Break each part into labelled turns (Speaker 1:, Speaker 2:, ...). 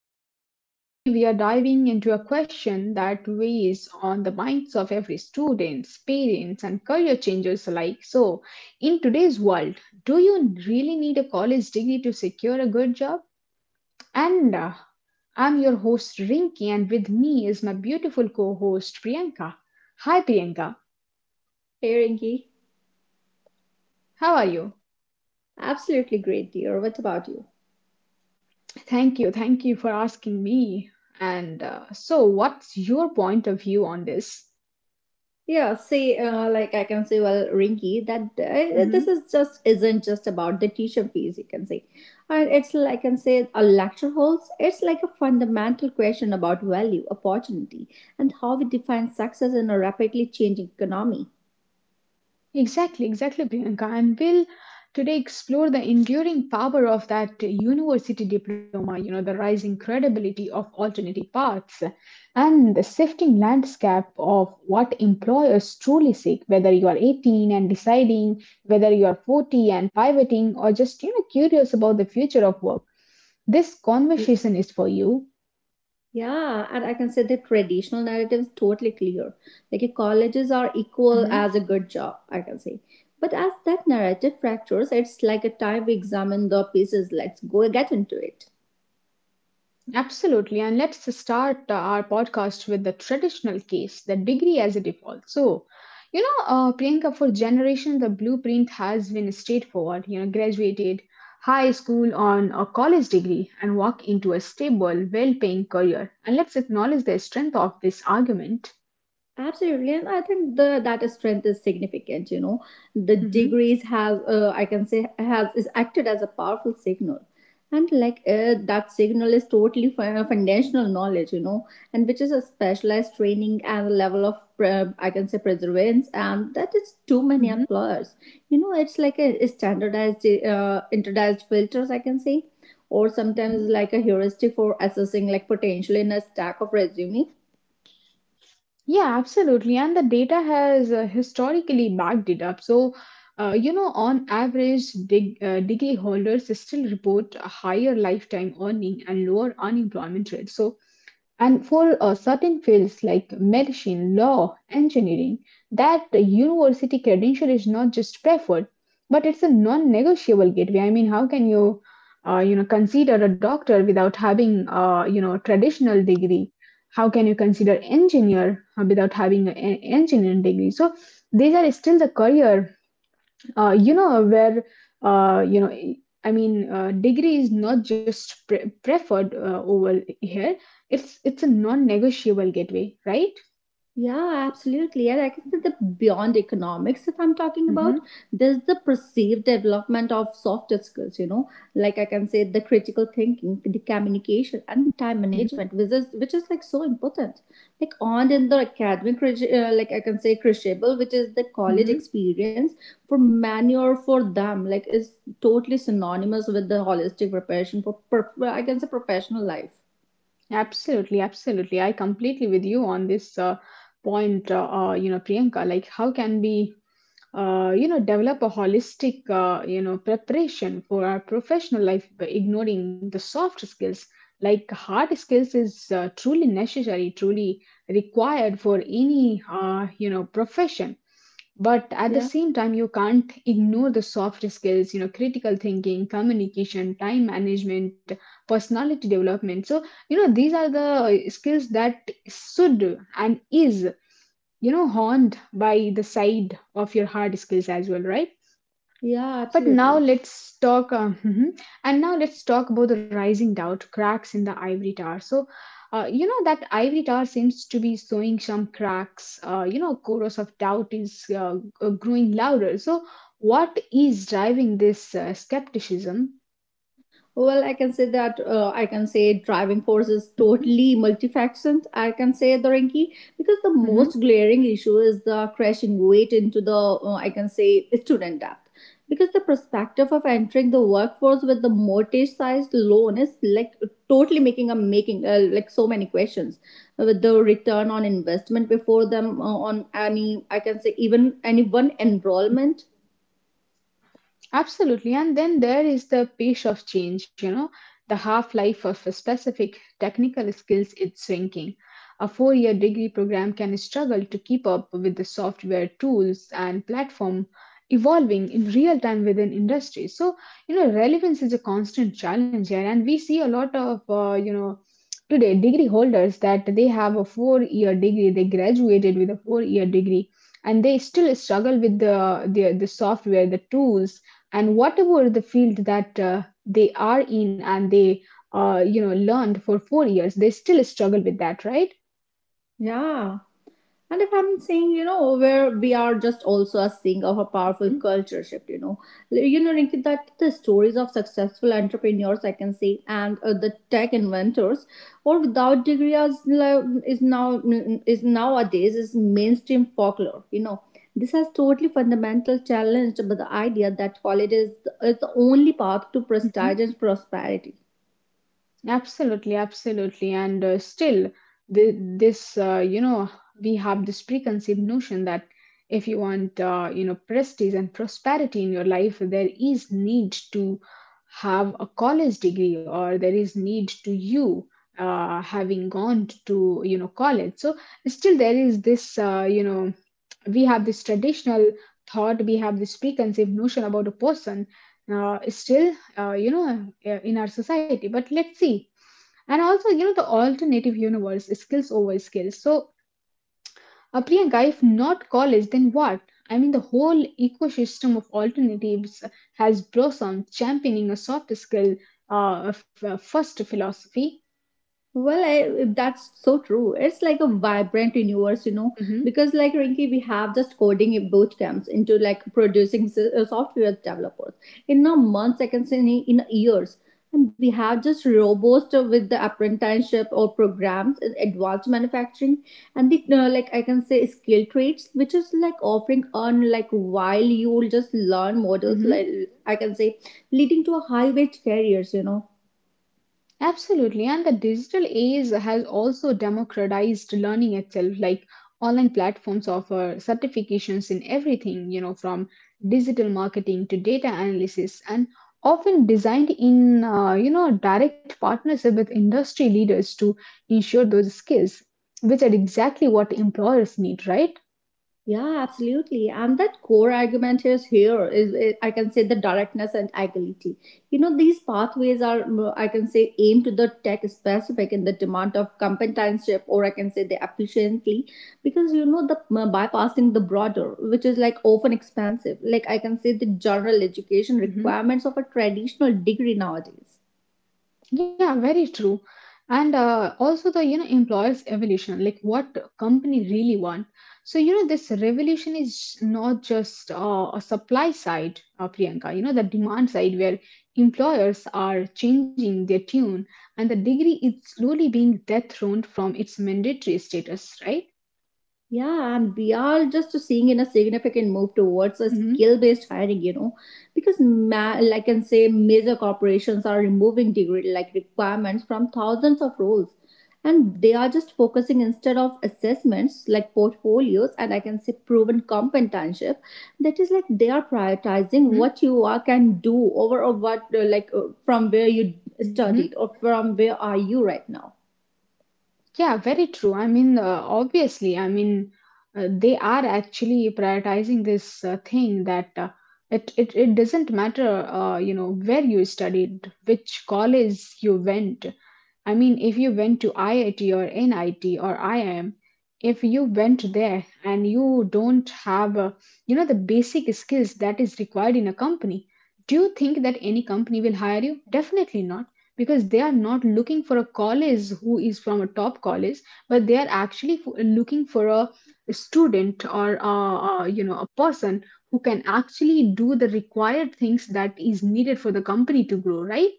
Speaker 1: listeners. Today we are diving into a question that weighs on the minds of every student, parents, and career changers alike. In today's world, do you really need a college degree to secure a good job? And I'm your host Rinki, and with me is my beautiful co-host Priyanka. Hi, Priyanka.
Speaker 2: Hey Rinky,
Speaker 1: How are you?
Speaker 2: absolutely great, dear. What about you?
Speaker 1: Thank you for asking me. And so, what's your point of view on this?
Speaker 2: Yeah, see, like I can say, well, Rinky, that this is just isn't just about the teacher fees. You can say, and it's like I can say a lecture halls. It's like a fundamental question about value, opportunity, and how we define success in a rapidly changing economy.
Speaker 1: Exactly, exactly, Priyanka. And we'll today explore the enduring power of that university diploma, you know, the rising credibility of alternative paths and the shifting landscape of what employers truly seek, whether you are 18 and deciding, whether you are 40 and pivoting, or just, you know, curious about the future of work. This conversation is for you.
Speaker 2: Yeah, and I can say the traditional narrative is totally clear. Like your colleges are equal as a good job, I can say. But as that narrative fractures, it's like a time we examine the pieces. Let's go get into it.
Speaker 1: Absolutely. And let's start our podcast with the traditional case, the degree as a default. So, you know, Priyanka, for generation, the blueprint has been straightforward. You know, graduated high school on a college degree and walk into a stable, well paying career. And let's acknowledge the strength of this argument.
Speaker 2: Absolutely, and I think the that strength is significant. You know, the
Speaker 1: hmm
Speaker 2: degrees have I can say has is acted as a powerful signal, and like that signal is totally foundational knowledge. You know, and which is a specialized training and a level of I can say perseverance, and that is too many
Speaker 1: hmm
Speaker 2: employers. You know, it's like a standardized filters. I can say, or sometimes like a heuristic for assessing like potential in a stack of resume.
Speaker 1: Yeah, absolutely. And the data has historically backed it up. So, you know, on average, degree holders still report a higher lifetime earning and lower unemployment rate. So, and for certain fields like medicine, law, engineering, that university credential is not just preferred, but it's a non-negotiable gateway. I mean, how can you consider a doctor without having, traditional degree? How can you consider engineer without having an engineering degree? So these are still the career you know where you know I mean degree is not just preferred over here, it's a non-negotiable gateway, right?
Speaker 2: Yeah, absolutely. And I can say the beyond economics, if I'm talking
Speaker 1: mm-hmm,
Speaker 2: about, there's the perceived development of soft skills, you know, like I can say the critical thinking, the communication, and the time
Speaker 1: mm-hmm,
Speaker 2: management, which is like so important. Like on in the academic, like I can say crucible, which is the college
Speaker 1: mm-hmm.
Speaker 2: experience for many or for them, like is totally synonymous with the holistic preparation for, I can say professional life.
Speaker 1: Absolutely, absolutely, I completely with you on this point, you know Priyanka, like how can we you know develop a holistic you know preparation for our professional life by ignoring the soft skills? Like hard skills is truly necessary, truly required for any you know profession, but at the
Speaker 2: Yeah,
Speaker 1: same time you can't ignore the soft skills, you know, critical thinking, communication, time management, personality development. So you know these are the skills that should and is, you know, horned by the side of your hard skills as well, right?
Speaker 2: yeah,
Speaker 1: But now
Speaker 2: absolutely.
Speaker 1: let's talk mhm. And now let's talk about the rising doubt, cracks in the ivory tower. So you know that ivory tower seems to be showing some cracks, you know chorus of doubt is growing louder. So what is driving this skepticism?
Speaker 2: Well, I can say that I can say driving force is
Speaker 1: Mhm.
Speaker 2: totally multifaceted. I can say the Rinki because the
Speaker 1: Mhm.
Speaker 2: most glaring issue is the crashing weight into the I can say student debt because the perspective of entering the workforce with the mortgage sized loan is like totally making like so many questions with the return on investment before them on any I can say even any one enrollment.
Speaker 1: Absolutely. And then there is the pace of change, you know, the half life of a specific technical skills is shrinking. A 4 year degree program can struggle to keep up with the software tools and platform evolving in real time within industry. So, you know, relevance is a constant challenge here. And we see a lot of, today, degree holders that they have a 4 year degree, they graduated with a 4 year degree, and they still struggle with the software, the tools, and whatever the field that they are in and they you know learned for 4 years, they still struggle with that, right?
Speaker 2: Yeah. And if I'm saying, you know, where we are just also a seeing of a powerful culture shift, you know, like, you know, Rinki, that the stories of successful entrepreneurs I can say, and the tech inventors or without degree as like, is now is nowadays is mainstream folklore, you know. This has totally fundamental challenged by the idea that college is the only path to
Speaker 1: Mhm.
Speaker 2: prestige and prosperity.
Speaker 1: Absolutely, absolutely. And still, th this, you know, we have this preconceived notion that if you want, prestige and prosperity in your life, there is need to have a college degree or there is need to you having gone to, you know, college. So still there is this, we have this traditional thought, we have this preconceived notion about a person still, in our society. But let's see. And also, you know, the alternative universe is skills over skills. So, Priyanka, if not college, then what? I mean, the whole ecosystem of alternatives has blossomed, championing a soft skill of first philosophy.
Speaker 2: Well, that's so true. It's like a vibrant universe, you know,
Speaker 1: hmm
Speaker 2: because like Rinky, we have just coding boot camps into like producing software developers in a month, seconds, in years. And we have just robots with the apprenticeship or programs in advanced manufacturing and the, like I can say skill trades, which is like offering on like while you'll just learn models, like
Speaker 1: hmm
Speaker 2: I can say leading to a high wage careers, you know.
Speaker 1: Absolutely, and the digital age has also democratized learning itself. Like online platforms offer certifications in everything, you know, from digital marketing to data analysis, and often designed in, direct partnership with industry leaders to ensure those skills, which are exactly what employers need, right?
Speaker 2: Yeah, absolutely. And that core argument is here is I can say the directness and agility. You know, these pathways are I can say aimed to the tech specific in the demand of competency, or I can say the efficiently because you know the bypassing the broader, which is like often expensive. Like I can say the general education
Speaker 1: Mm-hmm.
Speaker 2: requirements of a traditional degree nowadays.
Speaker 1: Yeah, very true. And also the, you know, employers' evolution, like what company really want. So you know this revolution is not just a supply side, Priyanka. You know the demand side where employers are changing their tune, and the degree is slowly being dethroned from its mandatory status, right?
Speaker 2: Yeah, and we are just seeing in a significant move towards a
Speaker 1: Mm-hmm,
Speaker 2: skill-based hiring, you know, because like I can say major corporations are removing degree like requirements from thousands of roles, and they are just focusing instead of assessments like portfolios and I can say proven competenship. That is like they are prioritizing
Speaker 1: mm-hmm,
Speaker 2: what you are can do over or what like from where you
Speaker 1: mm-hmm.
Speaker 2: studied or from where are you right now.
Speaker 1: Yeah, very true. I mean, obviously, I mean, they are actually prioritizing this thing that it doesn't matter, where you studied, which college you went. I mean, if you went to IIT or NIT or IIM, if you went there and you don't have, the basic skills that is required in a company, do you think that any company will hire you? Definitely not, because they are not looking for a college who is from a top college, but they are actually looking for a student or, a person who can actually do the required things that is needed for the company to grow, right?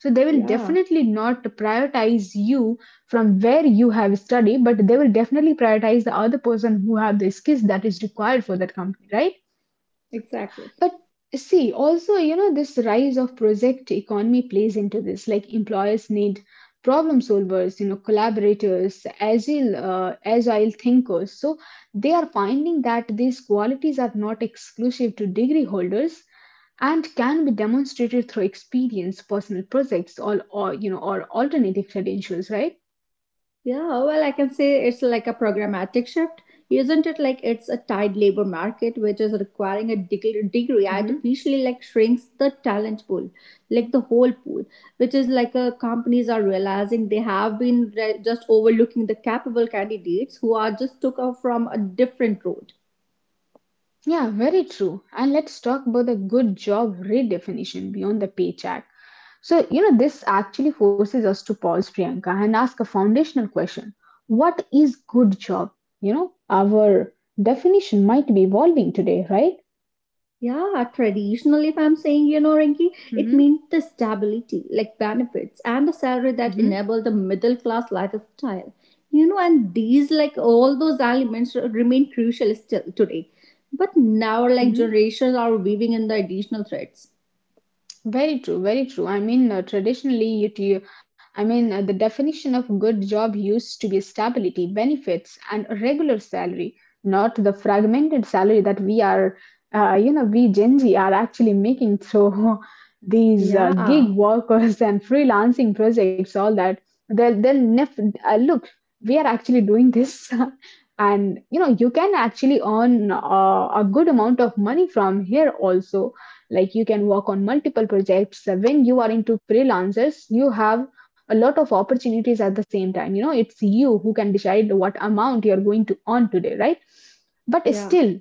Speaker 1: So they will
Speaker 2: Yeah,
Speaker 1: definitely not prioritize you from where you have studied, but they will definitely prioritize the other person who have the skills that is required for that company, right?
Speaker 2: exactly.
Speaker 1: But see, also, you know, this rise of project economy plays into this. Like employers need problem solvers, you know, collaborators, agile agile thinkers. So they are finding that these qualities are not exclusive to degree holders and can be demonstrated through experience, personal projects, or alternative credentials, right?
Speaker 2: Yeah, well, I can say it's like a programmatic shift. Isn't it like it's a tight labor market which is requiring a degree
Speaker 1: hmm
Speaker 2: artificially like shrinks the talent pool, like the whole pool, which is like companies are realizing they have been just overlooking the capable candidates who are just took off from a different road.
Speaker 1: Yeah, very true. And let's talk about the good job redefinition beyond the paycheck. So, you know, this actually forces us to pause, Priyanka, and ask a foundational question. What is good job? You know, our definition might be evolving today, right?
Speaker 2: Yeah, traditional, if I'm saying, you know, Rinki, it
Speaker 1: Mm-hmm,
Speaker 2: means the stability, like benefits and the salary that
Speaker 1: mm-hmm,
Speaker 2: enable the middle class lifestyle. You know, and these, like all those elements, remain crucial still today. But now, like
Speaker 1: Mm-hmm.
Speaker 2: generations are weaving in the additional threads.
Speaker 1: Very true, very true. I mean, traditionally, I mean, the definition of good job used to be stability, benefits, and a regular salary, not the fragmented salary that we Gen Z are actually making through these gig
Speaker 2: Yeah,
Speaker 1: workers and freelancing projects, all that. They'll, they'll nef- Look, we are actually doing this. And, you know, you can actually earn a good amount of money from here also. Like you can work on multiple projects when you are into freelancers, you have a lot of opportunities at the same time. You know, it's you who can decide what amount you're going to earn today, right? But
Speaker 2: yeah,
Speaker 1: still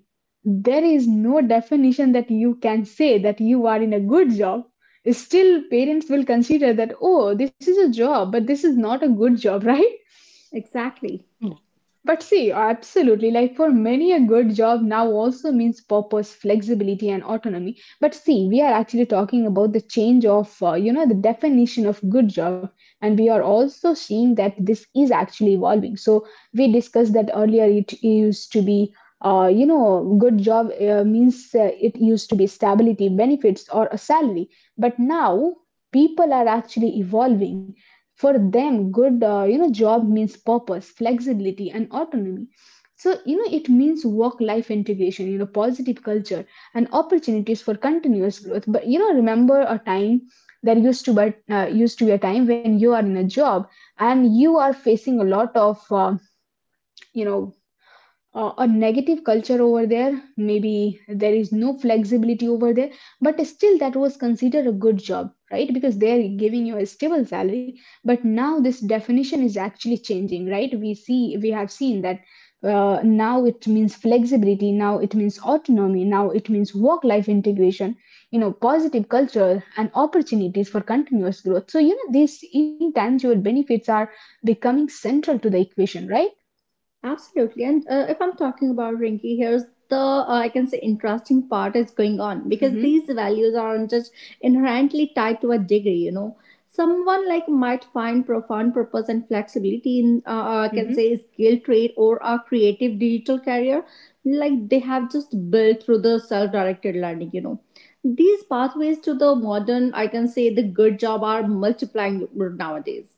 Speaker 1: there is no definition that you can say that you are in a good job. Still parents will consider that, oh, this is a job but this is not a good job right?
Speaker 2: exactly.
Speaker 1: But see, absolutely, like for many, a good job now also means purpose, flexibility, and autonomy. But see, we are actually talking about the change of, the definition of good job, and we are also seeing that this is actually evolving. So we discussed that earlier. It used to be, you know, good job means it used to be stability, benefits, or a salary. But now people are actually evolving. For them, good job means purpose, flexibility, and autonomy. So you know it means work-life integration, you know, positive culture and opportunities for continuous growth. But you know, remember a time, there used to but used to be a time when you are in a job and you are facing a lot of you know a negative culture over there, maybe there is no flexibility over there, but still that was considered a good job, right? Because they are giving you a stable salary. But now this definition is actually changing, right? We see, we have seen that now it means flexibility, now it means autonomy, now it means work life integration, you know, positive culture and opportunities for continuous growth. So you know these intangible benefits are becoming central to the equation, right?
Speaker 2: Absolutely. And if I'm talking about Rinky, here's the I can say interesting part is going on because
Speaker 1: hmm
Speaker 2: these values aren't just inherently tied to a degree, you know. Someone like might find profound purpose and flexibility in I can
Speaker 1: hmm
Speaker 2: say skill trade or a creative digital career like they have just built through the self-directed learning, you know. These pathways to the modern I can say the good job are multiplying nowadays.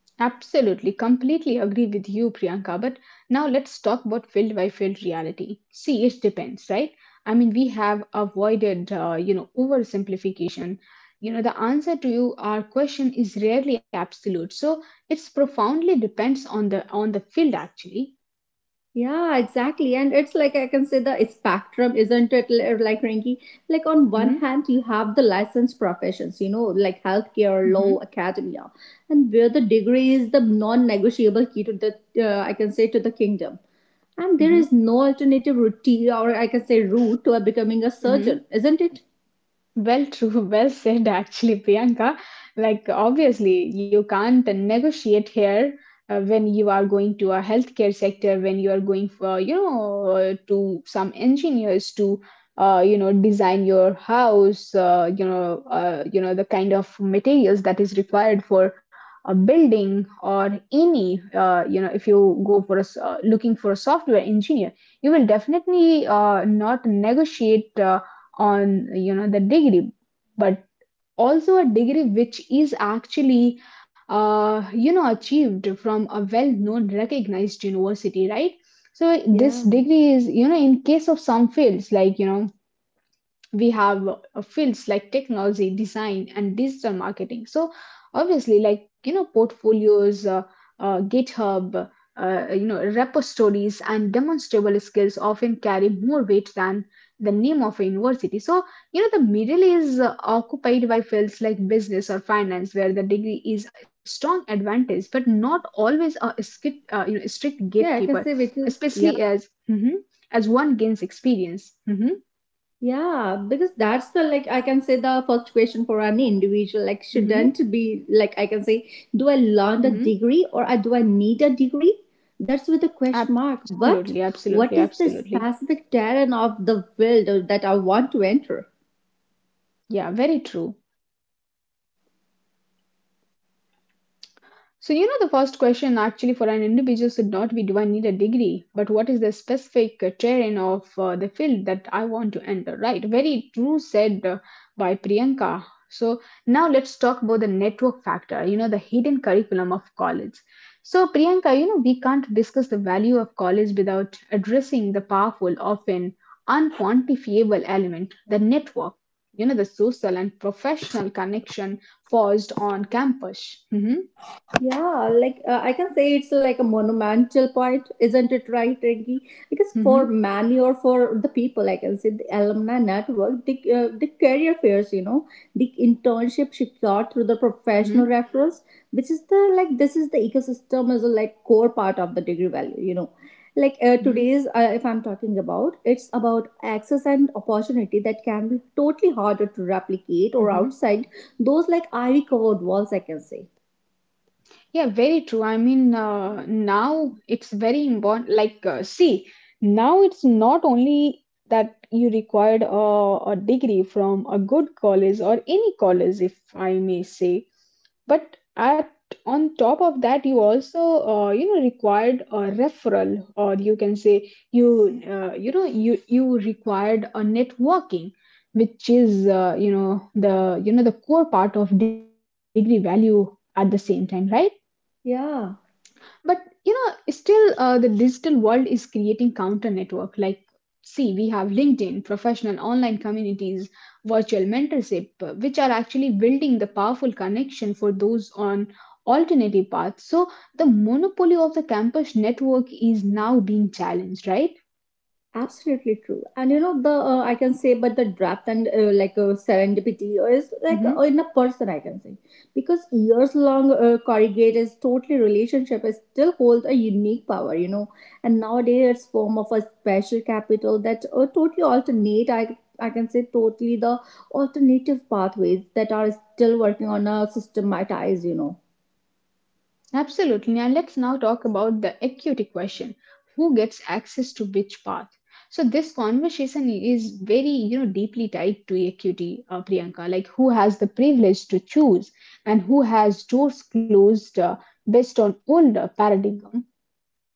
Speaker 1: Absolutely, completely agree with you, Priyanka. But now let's talk about field by field reality. See, it depends, right? I mean, we have avoided, oversimplification. You know, the answer to you, our question is rarely absolute, so it's profoundly depends on the field actually.
Speaker 2: Yeah, exactly. And it's like I can say the spectrum, isn't it? Like Rinky, like on one
Speaker 1: Mm-hmm,
Speaker 2: hand, you have the licensed professions, you know, like healthcare,
Speaker 1: mm-hmm,
Speaker 2: law, academia, and where the degree is the non-negotiable key to the, I can say, to the kingdom. And there
Speaker 1: mm-hmm,
Speaker 2: is no alternative route, or I can say route to becoming a surgeon,
Speaker 1: mm-hmm.
Speaker 2: isn't it?
Speaker 1: Well, true. Well said, actually, Priyanka. Like, obviously, you can't negotiate here when you are going to a healthcare sector, when you are going for, to some engineers to, design your house, the kind of materials that is required for a building or any, if you go for a, looking for a software engineer, you will definitely not negotiate. On the degree, but also a degree which is actually achieved from a well known recognized university, right? So this
Speaker 2: Yeah.
Speaker 1: degree is, in case of some fields like, we have fields like technology design and digital marketing. So obviously, portfolios, github repositories and demonstrable skills often carry more weight than the name of a university. So, the middle is occupied by fields like business or finance, where the degree is a strong advantage but not always a skit, you know strict
Speaker 2: Yeah, I can
Speaker 1: gatekeeper,
Speaker 2: say which is, yeah.
Speaker 1: especially as Mhm. as one gains experience. Hmm.
Speaker 2: Yeah, because that's the like I can say the first question for any individual like shouldn't
Speaker 1: Hmm.
Speaker 2: be like I can say do I learn a
Speaker 1: Hmm.
Speaker 2: degree or do I need a degree? That's with a question mark. But
Speaker 1: Absolutely,
Speaker 2: what
Speaker 1: absolutely,
Speaker 2: is the
Speaker 1: absolutely.
Speaker 2: specific terrain of the field that I want to enter?
Speaker 1: Yeah, very true. So, you know, the first question actually for an individual should not be do I need a degree, but what is the specific terrain of the field that I want to enter, right? Very true said by Priyanka. So, now let's talk about the network factor, you know, the hidden curriculum of college. So, Priyanka, you know, we can't discuss the value of college without addressing the powerful, often unquantifiable element, the network, you know, the social and professional connection forged on campus. Mhm.
Speaker 2: Yeah, like I can say it's like a monumental point, isn't it right, Renki? Because for
Speaker 1: Mhm,
Speaker 2: many or for the people, I can say the alumni network, the career fairs, you know, the internship secured through the professional
Speaker 1: mhm,
Speaker 2: reference, which is the like this is the ecosystem as a like core part of the degree value, you know. Like
Speaker 1: mhm,
Speaker 2: today's, if I'm talking about, it's about access and opportunity that can be totally harder to replicate or
Speaker 1: mhm.
Speaker 2: outside those like ivy covered walls, I can say.
Speaker 1: Yeah, very true. I mean, now it's very important. Like, see, now it's not only that you required a degree from a good college or any college, if I may say, but at on top of that, you also, required a referral, or you can say you, you required a networking, which is, the core part of degree value at the same time, right?
Speaker 2: Yeah.
Speaker 1: But you know, still the digital world is creating counter network. Like, see, we have linkedin professional online communities, virtual mentorship, which are actually building the powerful connection for those on alternative paths. So the monopoly of the campus network is now being challenged, right?
Speaker 2: Absolutely true, and you know the I can say but the draft and like serendipity is like
Speaker 1: Mhm.
Speaker 2: in a person I can say, because years long corrugated totally relationship is still hold a unique power, you know. And nowadays it's form of a special capital that totally alternate I can say totally the alternative pathways that are still working on a systematized, you know.
Speaker 1: Absolutely. And let's now talk about the equity question, who gets access to which path? So, this conversation is very, you know, deeply tied to equity, Priyanka, like who has the privilege to choose and who has doors closed based on older paradigm.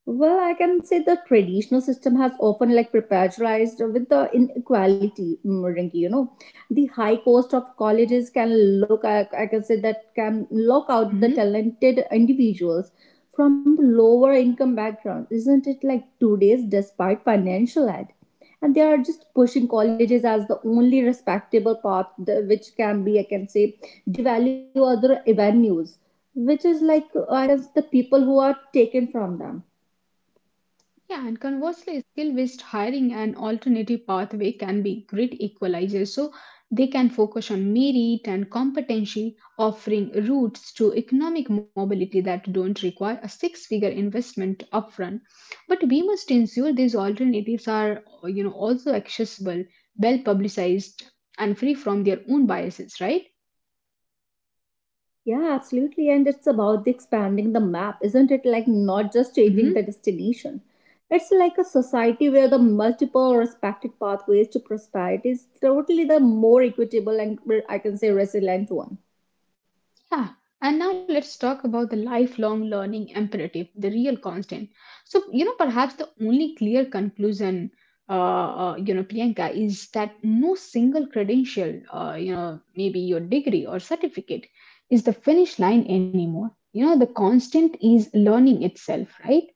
Speaker 2: Well, I can say the traditional system has often like perpetualized with the inequality, Rinki. You know, the high cost of colleges can look, I can say that can lock out the
Speaker 1: Mm-hmm.
Speaker 2: talented individuals from the lower income background, isn't it? Like today's, despite financial aid, and they are just pushing colleges as the only respectable path, which can be, I can say, devalue other avenues, which is like I can say the people who are taken from them.
Speaker 1: Yeah, and conversely, skill based hiring and alternative pathway can be great equalizers. So they can focus on merit and competency, offering routes to economic mobility that don't require a six figure investment upfront. But we must ensure these alternatives are, you know, also accessible, well publicized, and free from their own biases, right?
Speaker 2: Yeah, absolutely. And it's about the expanding the map, isn't it? Like not just changing the
Speaker 1: Mhm.
Speaker 2: destination. It's like a society where the multiple respected pathways to prosperity is totally the more equitable and well, I can say resilient one.
Speaker 1: Yeah, and now let's talk about the lifelong learning imperative, the real constant. So, you know, perhaps the only clear conclusion, you know, Priyanka, is that no single credential, you know, maybe your degree or certificate, is the finish line anymore. You know, the constant is learning itself, right?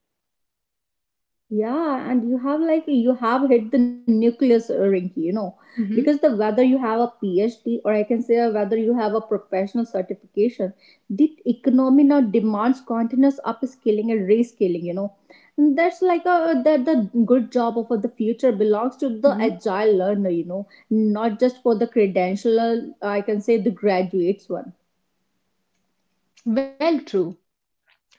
Speaker 2: Yeah, and you have like you have hit the nucleus, Rinky, you know, because the
Speaker 1: Mm-hmm,
Speaker 2: whether you have a PhD or I can say whether you have a professional certification, the economy now demands continuous upskilling and rescaling, you know. And that's like a that the good job of the future belongs to the
Speaker 1: mm-hmm.
Speaker 2: agile learner, you know, not just for the credential, I can say the graduates one.
Speaker 1: Well, true.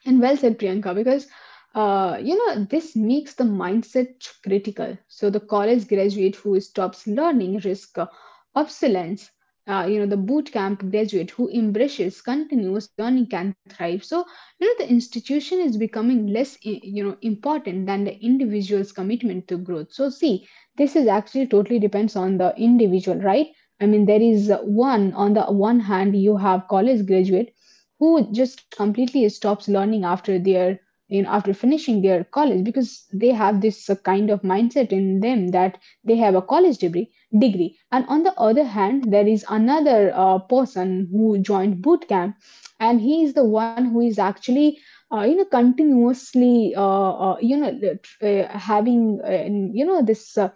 Speaker 1: And well said, Priyanka, because you know, this makes the mindset critical. So the college graduate who stops learning risk obsolescence. You know, the boot camp graduate who embraces continuous learning can thrive. So you know, the institution is becoming less important than the individual's commitment to growth. So see, this is actually totally depends on the individual, right? I mean, there is one on the one hand you have college graduate who just completely stops learning after their, after finishing their college because they have this kind of mindset in them that they have a college degree, and on the other hand there is another person who joined boot camp, and he is the one who is actually you know continuously you know the having you know this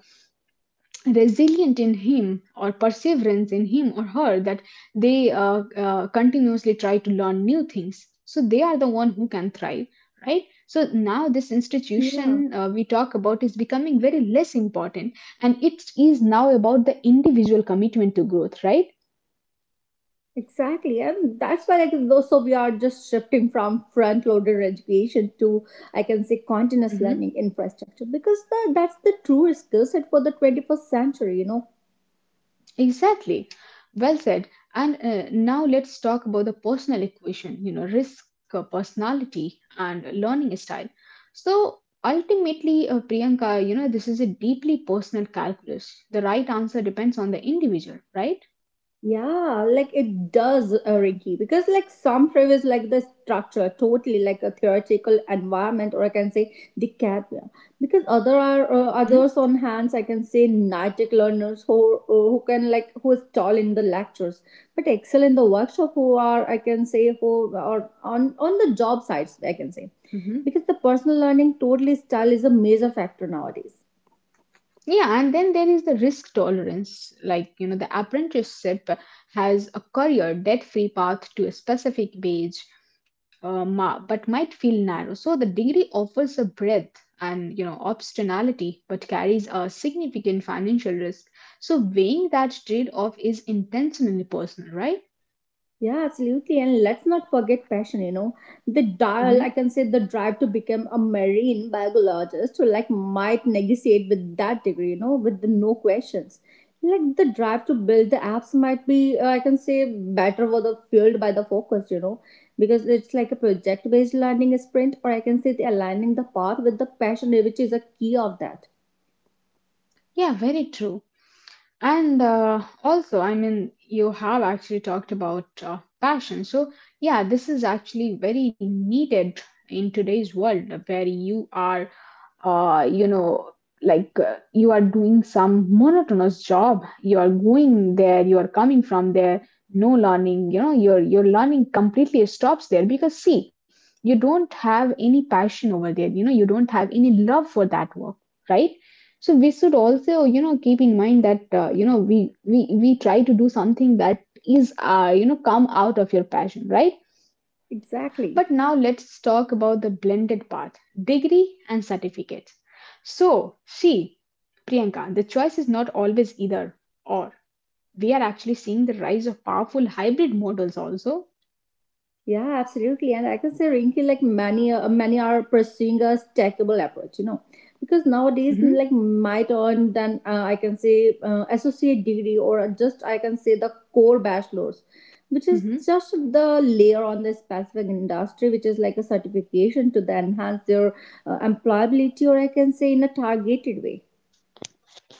Speaker 1: resilient in him or perseverance in him or her that they continuously try to learn new things, so they are the one who can thrive, right? So now this
Speaker 2: Yeah.
Speaker 1: institution we talk about is becoming very less important, and it is now about the individual commitment to growth, right?
Speaker 2: Exactly, and that's why, like, though, so we are just shifting from front-loaded education to, I can say, continuous
Speaker 1: Mm-hmm.
Speaker 2: learning infrastructure because the, that's the true skill set for the 21st century. You know,
Speaker 1: Exactly. Well said. And now let's talk about the personal equation, you know, risk, personality, and learning style. So ultimately, Priyanka, you know, this is a deeply personal calculus. The right answer depends on the individual, right?
Speaker 2: yeah, like it does, Rinky, because like some favors like the structure, totally like a theoretical environment, or I can say the career. Because other are others on hands, I can say nitic learners who can like who is tall in the lectures, but excel in the workshop. Who are I can say who are on the job sites, I can say,
Speaker 1: Mm-hmm.
Speaker 2: because the personal learning totally style is a major factor nowadays.
Speaker 1: Yeah, and then there is the risk tolerance. Like, you know, the apprenticeship has a career debt free path to a specific wage, but might feel narrow. So the degree offers a breadth and, you know, optionality, but carries a significant financial risk. So weighing that trade off is intentionally personal, right?
Speaker 2: Yeah, absolutely. And let's not forget passion, you know. The dial,
Speaker 1: Hmm.
Speaker 2: I can say the drive to become a marine biologist who like might negotiate with that degree, you know, with the no questions. Like the drive to build the apps might be, I can say, better for the fueled by the focus, because it's like a project based learning sprint, or I can say the aligning the path with the passion, which is a key of that.
Speaker 1: Yeah, very true. And also, I mean, you have actually talked about passion, so yeah, this is actually very needed in today's world where you are, uh, you know you are doing some monotonous job, you are going there, you are coming from there, no learning, you know, your learning completely stops there, because see, you don't have any passion over there, you know, you don't have any love for that work, right? So we should also, you know, keep in mind that you know, we try to do something that is, you know, come out of your passion, right? But
Speaker 2: Exactly.
Speaker 1: now let's talk about the blended path, degree and certificates. So, see, Priyanka, the choice is not always either or. We are actually seeing the rise of powerful hybrid models also.
Speaker 2: Yeah, absolutely. And I can say, Rinky, like many are pursuing a stackable approach, because nowadays,
Speaker 1: Mhm,
Speaker 2: like might earn then I can say associate degree or just I can say the core bachelor's, which is
Speaker 1: mhm.
Speaker 2: just the layer on the specific industry, which is like a certification to the enhance their employability or I can say in a targeted way.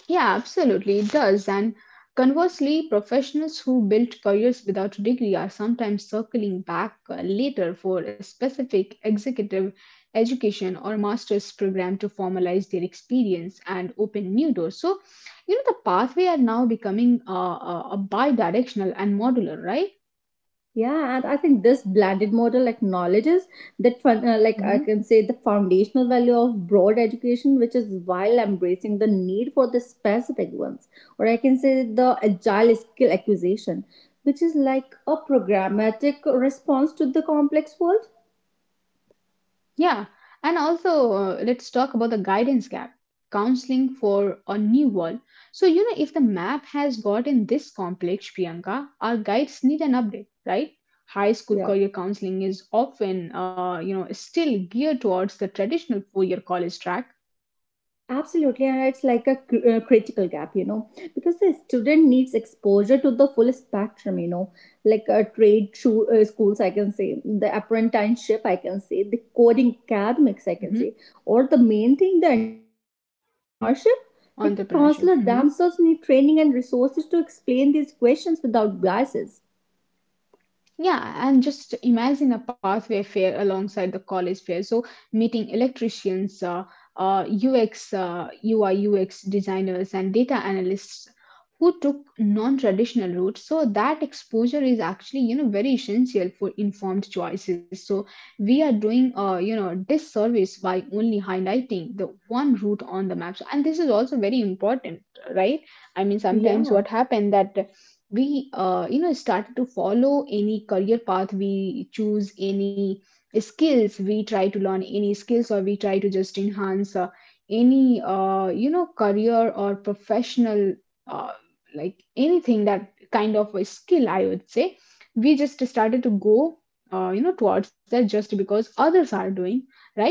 Speaker 1: Yeah, absolutely, it does. And conversely, professionals who built careers without a degree are sometimes circling back later for a specific executive education or master's program to formalize their experience and open new doors. So, you know, the pathway are now becoming a bi directional and modular, right?
Speaker 2: Yeah, and I think this blended model acknowledges that, like I
Speaker 1: Mhm.
Speaker 2: can say, the foundational value of broad education, which is while embracing the need for the specific ones, or I can say the agile skill acquisition, which is like a programmatic response to the complex world.
Speaker 1: Yeah, and also let's talk about the guidance gap counseling for a new world. So, you know, if the map has gotten this complex, Priyanka, our guides need an update, right? High school
Speaker 2: Yeah.
Speaker 1: career counseling is often, you know, still geared towards the traditional 4 year college track.
Speaker 2: Absolutely, and it's like a critical gap, because the student needs exposure to the full spectrum, like a trade through schools, I can say, the apprenticeship, I can say, the coding academics, I can
Speaker 1: Mhm.
Speaker 2: say, or the main thing, the entrepreneurship. Like the counselor themselves
Speaker 1: Entrepreneurship.
Speaker 2: need
Speaker 1: Mm-hmm.
Speaker 2: training and resources to explain these questions without biases.
Speaker 1: Yeah, and just imagine a pathway fair alongside the college fair. So meeting electricians, UX, UI, UX designers, and data analysts who took non-traditional routes. So that exposure is actually, you know, very essential for informed choices. So we are doing, you know, disservice by only highlighting the one route on the map. So- And this is also very important, right? I mean, sometimes
Speaker 2: Yeah,
Speaker 1: what happened that we, you know, started to follow any career path, we choose any skills, we try to learn any skills, or we try to just enhance, any, you know, career or professional uh, like anything, that kind of a skill I would say, we just started to go, you know, towards that just because others are doing, right?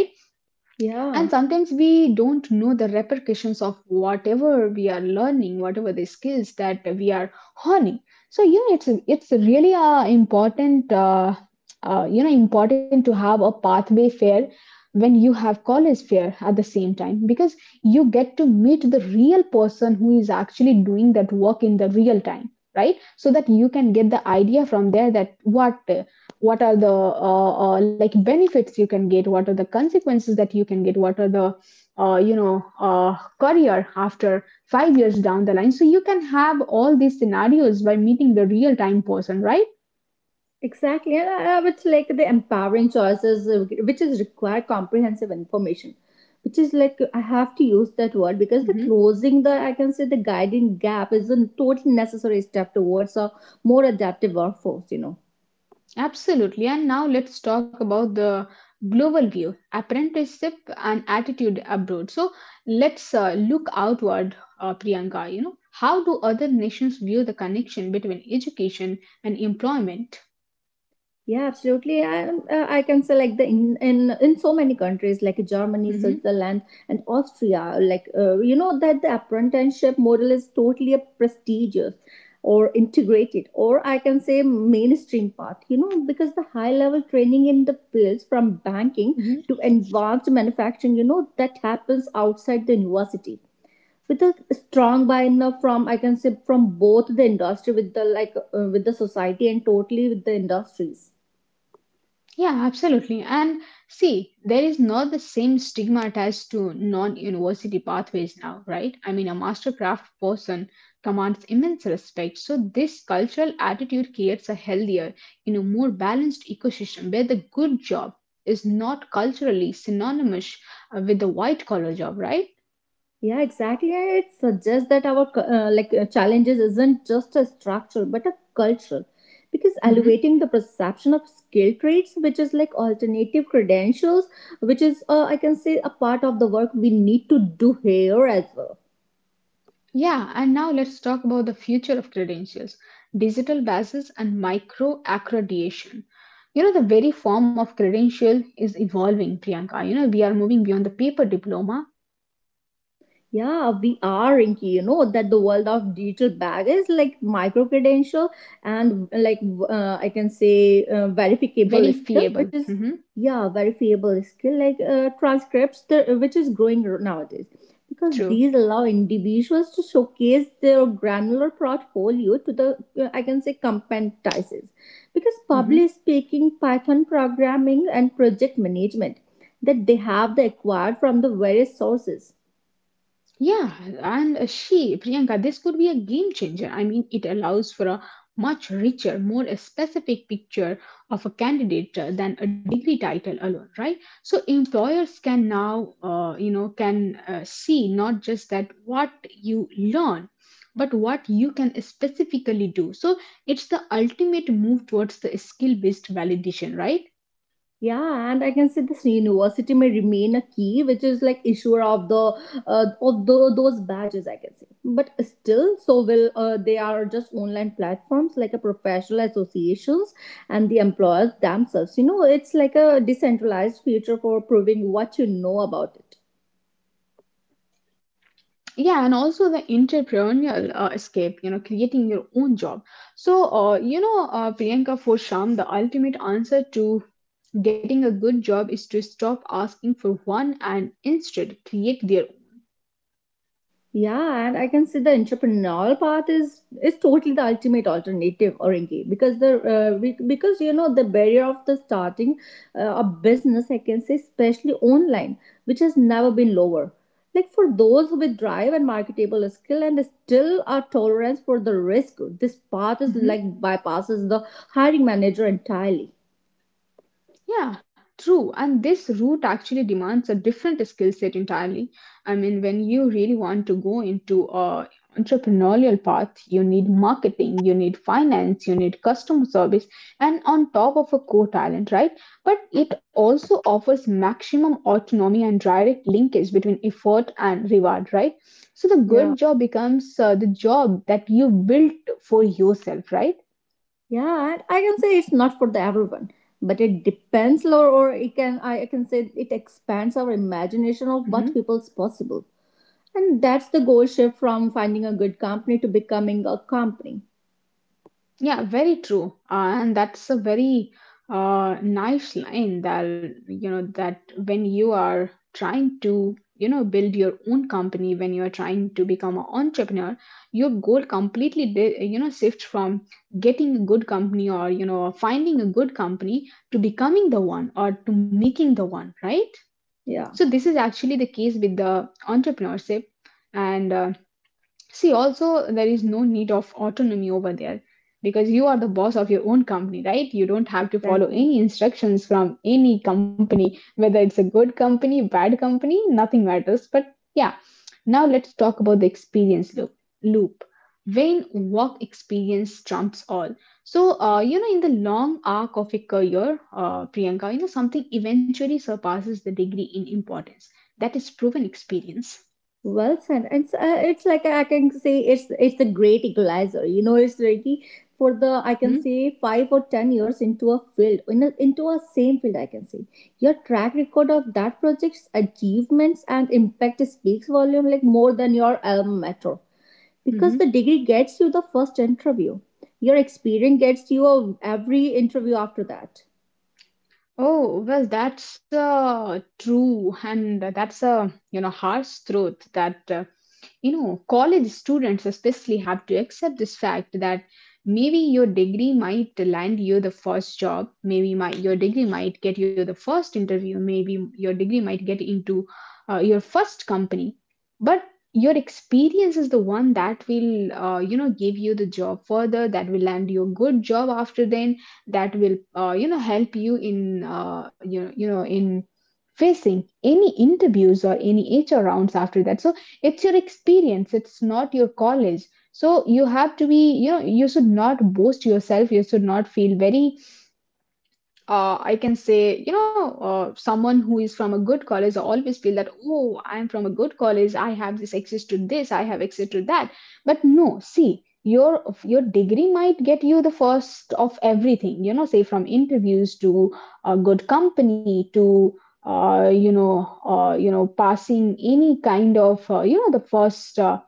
Speaker 1: And
Speaker 2: yeah.
Speaker 1: sometimes we don't know the repercussions of whatever we are learning, whatever the skills that we are honing. So yeah, it's really important, you know, important to have a pathway fair when you have college fair at the same time, because you get to meet the real person who is actually doing that work in the real time, right? So that you can get the idea from there that what are the like benefits you can get, what are the consequences that you can get, what are the you know career after 5 years down the line. So you can have all these scenarios by meeting the real time person, right?
Speaker 2: Exactly, and I would say like the empowering choices, which is require comprehensive information, which is like I have to use that word because the
Speaker 1: Hmm.
Speaker 2: closing the I can say the guiding gap is a totally necessary step towards a more adaptive workforce.
Speaker 1: Absolutely. And now let's talk about the global view apprenticeship and attitude abroad. So let's look outward, Priyanka, you know, how do other nations view the connection between education and employment?
Speaker 2: Yeah, absolutely. I can say like the in so many countries like Germany,
Speaker 1: Hmm.
Speaker 2: Switzerland, and Austria. Like you know that the apprenticeship model is totally a prestigious or integrated, or I can say mainstream path. You know because the high level training in the fields from banking to advanced manufacturing. You know that happens outside the university with a strong buy-in from I can say from both the industry with the like with the society and totally with the industries.
Speaker 1: Yeah, absolutely. And see, there is not the same stigma attached to non university pathways now, right? I mean, a mastercraft person commands immense respect. So, this cultural attitude creates a healthier, you know, more balanced ecosystem where the good job is not culturally synonymous with the white collar job, right?
Speaker 2: Yeah, exactly. It suggests that our like challenges isn't just a structural but a cultural, because
Speaker 1: Mhm.
Speaker 2: elevating the perception of skill traits, which is like alternative credentials, which is I can say a part of the work we need to do here as well.
Speaker 1: Yeah, and now let's talk about the future of credentials, digital badges, and micro accreditation. You know, the very form of credential is evolving, Priyanka. You know, we are moving beyond the paper diploma,
Speaker 2: Yeah, we are, Rinky. You know that the world of digital bag is like micro credential and like I can say verifiable
Speaker 1: very
Speaker 2: skill, which
Speaker 1: fiable.
Speaker 2: is
Speaker 1: Hmm.
Speaker 2: yeah, verifiable skill like transcripts, which is growing nowadays because
Speaker 1: True.
Speaker 2: these allow individuals to showcase their granular portfolio to the I can say competencies because public
Speaker 1: Mm-hmm.
Speaker 2: speaking, Python programming, and project management that they have the acquired from the various sources.
Speaker 1: Yeah, and Priyanka, this could be a game changer. I mean, it allows for a much richer, more specific picture of a candidate than a degree title alone, right? So employers can now, can see not just that what you learn, but what you can specifically do. So it's the ultimate move towards the skill-based validation, right?
Speaker 2: Yeah, and I can say this university may remain a key, which is like issuer of the of those badges. I can say, but still, so will they are just online platforms like a professional associations and the employers themselves. You know, it's like a decentralized future for proving what you know about it.
Speaker 1: Yeah, and also the entrepreneurial escape, you know, creating your own job. So Priyanka, for sham, the ultimate answer to getting a good job is to stop asking for one and instead create their own.
Speaker 2: Yeah, and I can say the entrepreneurial path is totally the ultimate alternative, Orengi, because because you know the barrier of the starting a business, I can say, especially online, which has never been lower. Like for those with drive and marketable skill and still a tolerance for the risk, this path is like
Speaker 1: Mhm.
Speaker 2: bypasses the hiring manager entirely.
Speaker 1: Yeah, true. And this route actually demands a different skill set entirely. I mean, when you really want to go into a entrepreneurial path, you need marketing, you need finance, you need customer service, and on top of a core talent, right? But it also offers maximum autonomy and direct linkage between effort and reward, right? So the good
Speaker 2: Yeah.
Speaker 1: job becomes the job that you built for yourself, right?
Speaker 2: Yeah, and I can say it's not for the everyone, but it depends, or it can I can say it expands our imagination of what people's possible, and that's the goal shift from finding a good company to becoming a company.
Speaker 1: Yeah, very true. And that's a very nice line that, you know, that when you are trying to, you know, build your own company, when you are trying to become an entrepreneur, your goal completely, you know, shifts from getting a good company, or, you know, finding a good company, to becoming the one or to making the one, right?
Speaker 2: Yeah,
Speaker 1: So this is actually the case with the entrepreneurship. And See, also, there is no need of autonomy over there because you are the boss of your own company, right? You don't have to follow
Speaker 2: exactly.
Speaker 1: any instructions from any company, whether it's a good company, bad company, nothing matters. But yeah, now let's talk about the experience loop. loop. When work experience trumps all. So, you know, in the long arc of a career, Priyanka, you know, something eventually surpasses the degree in importance. That is proven experience.
Speaker 2: Well said. It's like I can say it's a great equalizer. You know, it's really for the I can
Speaker 1: Mm-hmm.
Speaker 2: say 5 or 10 years into a field into a same field. I can say your track record of that project's achievements and impact speaks volume like more than your alma mater because
Speaker 1: Mm-hmm.
Speaker 2: the degree gets you the first interview. Your experience gets you every interview after that.
Speaker 1: Oh, well, that's true. And that's a, you know, harsh truth that, you know, college students especially have to accept this fact that maybe your degree might land you the first job. Maybe my, your degree might get you the first interview. Maybe your degree might get into your first company. But your experience is the one that will, you know, give you the job further, that will land you a good job after then, that will you know help you in in facing any interviews or any HR rounds after that. So it's your experience, it's not your college. So you have to be, you know, you should not boast yourself, you should not feel very I can say, you know, someone who is from a good college always feel that, oh, I am from a good college. I have this access to this. I have access to that. But no, see, your degree might get you the first of everything. You know, say from interviews, to a good company, to passing any kind of the first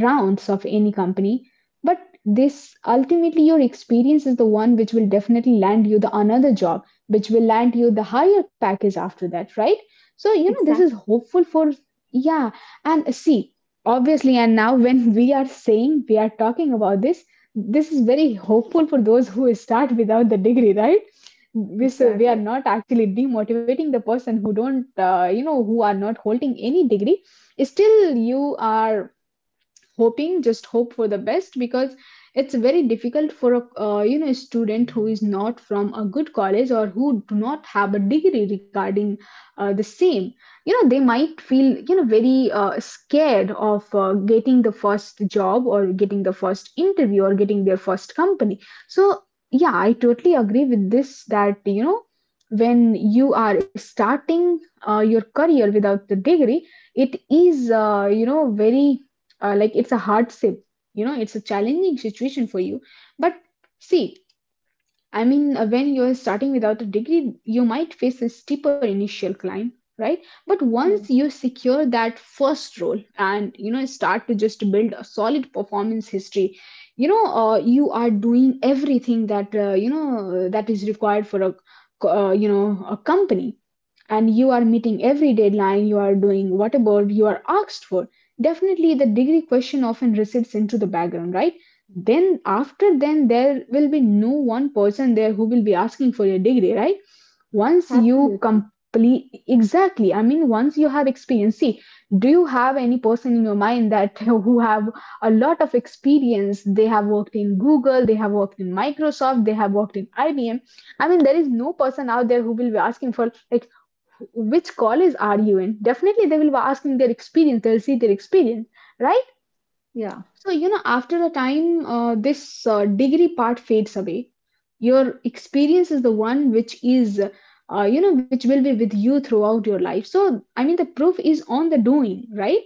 Speaker 1: rounds of any company. But this ultimately, your experience is the one which will definitely land you the another job, which will land you the higher package after that, right? So, you know, this
Speaker 2: Exactly.
Speaker 1: is hopeful for, yeah. And see, obviously, and now when we are saying, we are talking about this, this is very hopeful for those who start without the degree, right? We, so we are
Speaker 2: Exactly.
Speaker 1: not actually demotivating the person who don't, you know, who are not holding any degree. Still, you are hoping, just hope for the best, because it's very difficult for a you know student who is not from a good college or who do not have a degree regarding the same. You know, they might feel, you know, very scared of getting the first job or getting the first interview or getting their first company. So yeah, I totally agree with this that, you know, when you are starting your career without the degree, it is you know very like it's a hardship, you know, it's a challenging situation for you. But see, I mean, when you're starting without a degree, you might face a steeper initial climb, right? But once
Speaker 2: Yeah.
Speaker 1: you secure that first role and you know start to just build a solid performance history, you know, you are doing everything that you know that is required for a you know a company, and you are meeting every deadline. You are doing whatever you are asked for. Definitely, the degree question often recedes into the background, right? Then after then there will be no one person there who will be asking for your degree, right? Once you
Speaker 2: Absolutely.
Speaker 1: complete, exactly, I mean, once you have experience, see, do you have any person in your mind that who have a lot of experience? They have worked in Google, they have worked in Microsoft, they have worked in IBM. I mean, there is no person out there who will be asking for like which college are you in. Definitely they will be asking their experience, they'll see their experience, right?
Speaker 2: Yeah.
Speaker 1: So, you know, after a time, this degree part fades away. Your experience is the one which is, you know, which will be with you throughout your life. So, I mean, the proof is on the doing, right?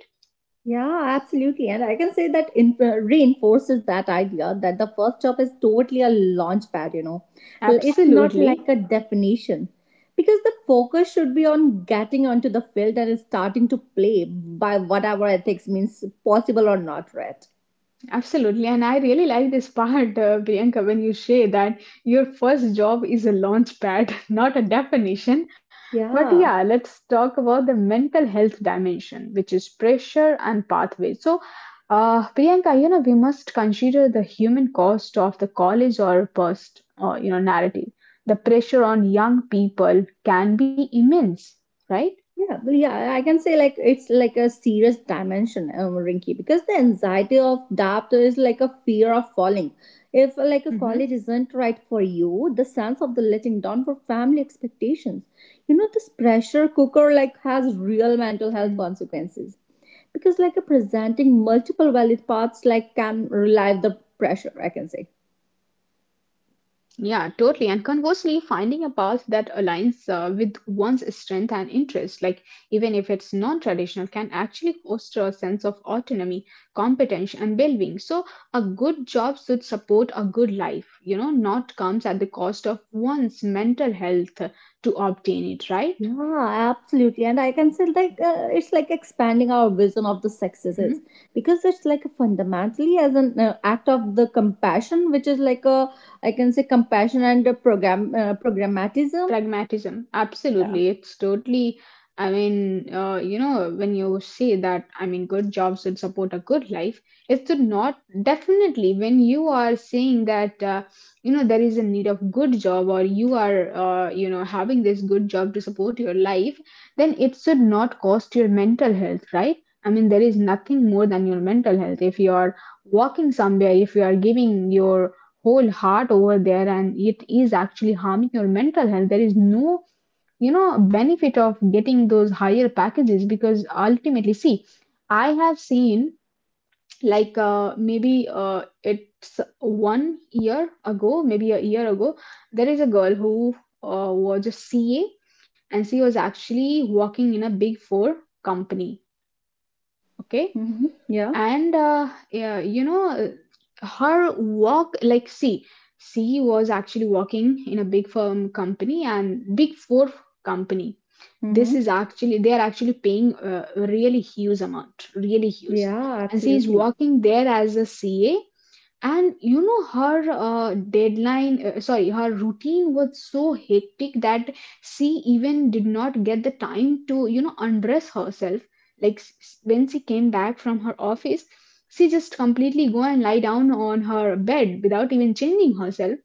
Speaker 2: Yeah, absolutely. And I can say that reinforces that idea that the first job is totally a launch pad. It's not like
Speaker 1: Absolutely.
Speaker 2: a definition. Because the focus should be on getting onto the field and starting to play by whatever ethics means possible or not, right?
Speaker 1: Absolutely, and I really like this part, Priyanka, when you say that your first job is a launch pad, not a definition. But
Speaker 2: Yeah.
Speaker 1: yeah, let's talk about the mental health dimension, which is pressure and pathways. So, Priyanka, you know, we must consider the human cost of the college or post, you know, narrative. The pressure on young people can be immense, right?
Speaker 2: Yeah, but yeah, I can say like it's like a serious dimension, Rinky, because the anxiety of doubt is like a fear of falling. If like a
Speaker 1: Mm-hmm.
Speaker 2: college isn't right for you, the sense of the letting down for family expectations, this pressure cooker like has real mental health consequences because like a presenting multiple valid paths like can relieve the pressure, I can say.
Speaker 1: Yeah, totally. And conversely, finding a path that aligns with one's strength and interest, like even if it's non traditional, can actually foster a sense of autonomy, competence, and well being. So, a good job should support a good life, you know, not comes at the cost of one's mental health to obtain it, right?
Speaker 2: Yeah, absolutely. And I can say like it's like expanding our vision of the successes
Speaker 1: Mhm.
Speaker 2: because it's like fundamentally as an act of the compassion, which is like a I can say compassion and a programmatism.
Speaker 1: Pragmatism,
Speaker 2: Yeah.
Speaker 1: absolutely, it's totally, I mean, you know, when you say that, I mean, good jobs should support a good life, it should not, definitely, when you are saying that, you know, there is a need of good job or you are you know having this good job to support your life, then it should not cost your mental health, right? I mean, there is nothing more than your mental health. If you are walking somewhere, if you are giving your whole heart over there and it is actually harming your mental health, there is no, you know, benefit of getting those higher packages, because ultimately, see, I have seen, like, maybe it's one year ago, maybe a year ago, there is a girl who was a CA, and she was actually working in a big four company, okay.
Speaker 2: Mm-hmm. Yeah.
Speaker 1: and yeah, you know, her walk, like, see, she was actually working in a big firm company, and big four company. This
Speaker 2: Mm-hmm.
Speaker 1: is actually, they are actually paying a really huge amount, really huge.
Speaker 2: Yeah.
Speaker 1: And she
Speaker 2: Absolutely.
Speaker 1: is working there as a CA, and you know, her deadline sorry her routine was so hectic that she even did not get the time to, you know, undress herself. Like, when she came back from her office, she just completely go and lie down on her bed without even changing herself.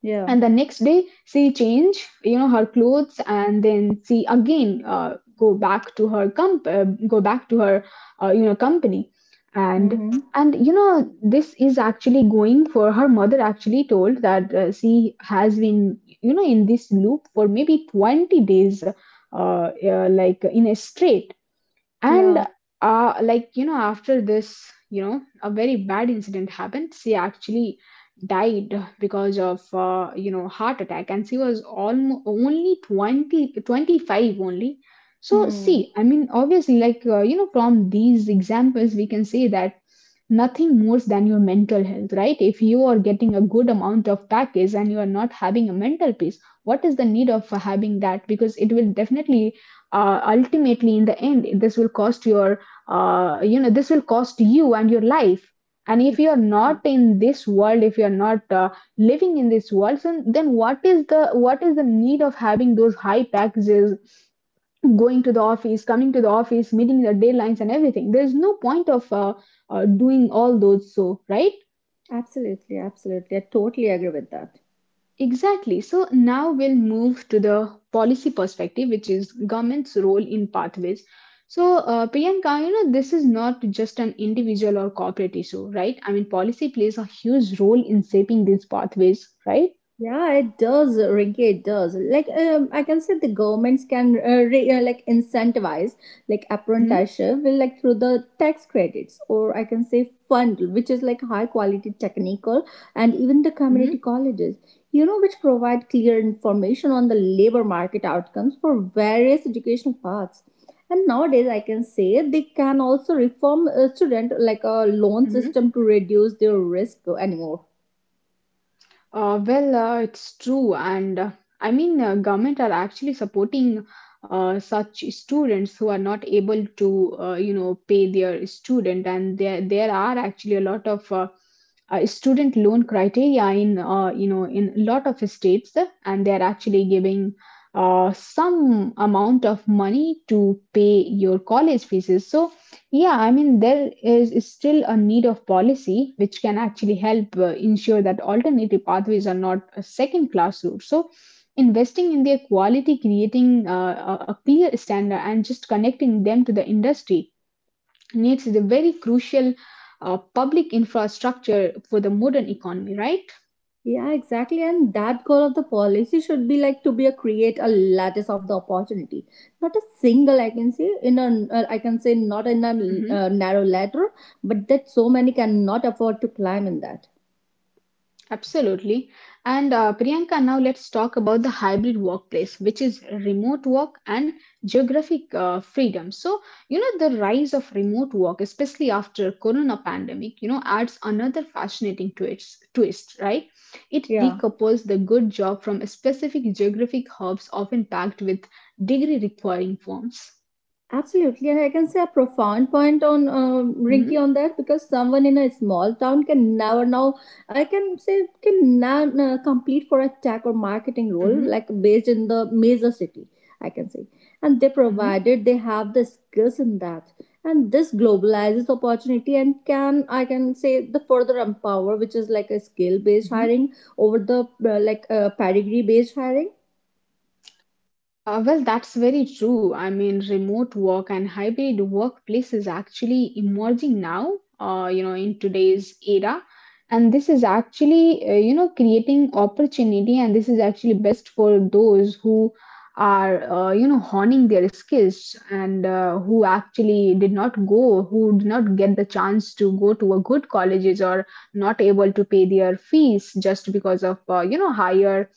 Speaker 2: Yeah.
Speaker 1: And the next day she change, you know, her clothes, and then she again go back to her you know company. and
Speaker 2: Mm-hmm.
Speaker 1: and you know, this is actually going for, her mother actually told that she has been, you know, in this loop for maybe 20 days, like in a straight. And
Speaker 2: Yeah.
Speaker 1: like, you know, after this, you know, a very bad incident happened. She actually died because of you know heart attack, and she was almost only 20, 25 only. So
Speaker 2: Hmm.
Speaker 1: see, I mean obviously, like, you know, from these examples we can say that nothing more than your mental health, right? If you are getting a good amount of package and you are not having a mental peace, what is the need of having that? Because it will definitely ultimately in the end this will cost your you know this will cost you and your life. And if
Speaker 2: Exactly.
Speaker 1: you're not in this world, if you're not living in this world, then what is the need of having those high taxes, going to the office, coming to the office, meeting the deadlines and everything? There's no point of doing all those so, right?
Speaker 2: Absolutely. Absolutely. I totally agree with that.
Speaker 1: Exactly. So now we'll move to the policy perspective, which is government's role in pathways. So, Priyanka, you know, this is not just an individual or corporate issue, right? I mean, policy plays a huge role in shaping these pathways, right?
Speaker 2: Yeah, it does, Rinky. It does. Like, I can say the governments can like incentivize like
Speaker 1: Mm-hmm,
Speaker 2: apprenticeship, will like through the tax credits, or I can say fund, which is like high quality technical, and even the
Speaker 1: mm-hmm,
Speaker 2: community colleges. You know, which provide clear information on the labor market outcomes for various educational paths. And nowadays, I can say they can also reform a student like a loan
Speaker 1: mm-hmm.
Speaker 2: system to reduce their risk anymore.
Speaker 1: Well, it's true, and I mean, government are actually supporting such students who are not able to, you know, pay their student, and there are actually a lot of student loan criteria in, you know, in a lot of states, and they are actually giving some amount of money to pay your college fees. So yeah, I mean, there is still a need of policy which can actually help ensure that alternative pathways are not a second class route. So, investing in their quality, creating a clear standard, and just connecting them to the industry needs the very crucial public infrastructure for the modern economy, right?
Speaker 2: Yeah, exactly. And that goal of the policy should be like to be a create a lattice of the opportunity, not a single. I can say in a I can say not in a
Speaker 1: Mhm.
Speaker 2: narrow ladder, but that so many cannot afford to climb in that.
Speaker 1: Absolutely. And Priyanka, now let's talk about the hybrid workplace, which is remote work and geographic freedom. So, you know, the rise of remote work, especially after corona pandemic, you know, adds another fascinating twist, right? It
Speaker 2: Yeah.
Speaker 1: decouples the good job from specific geographic hubs often packed with degree requiring firms.
Speaker 2: Absolutely, and I can say a profound point on
Speaker 1: Hmm,
Speaker 2: Rinky on that because someone in a small town can never now I can say can now complete for a tech or marketing role
Speaker 1: hmm,
Speaker 2: like based in the major city I can say, and they
Speaker 1: hmm.
Speaker 2: provided they have the skills in that, and this globalizes opportunity and can I can say the further empower which is like a skill based hiring over the pedigree based hiring.
Speaker 1: Well, that's very true. I mean, remote work and hybrid workplace is actually emerging now, you know, in today's era. And this is actually, you know, creating opportunity, and this is actually best for those who are, you know, honing their skills and who did not get the chance to go to a good colleges or not able to pay their fees just because of, you know, higher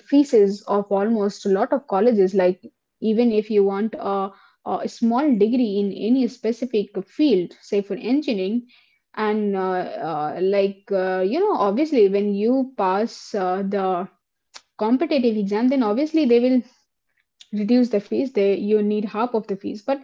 Speaker 1: fees of almost a lot of colleges, like even if you want a small degree in any specific field, say for engineering and you know, obviously when you pass the competitive exam, then obviously they will reduce the fees, they you need half of the fees, but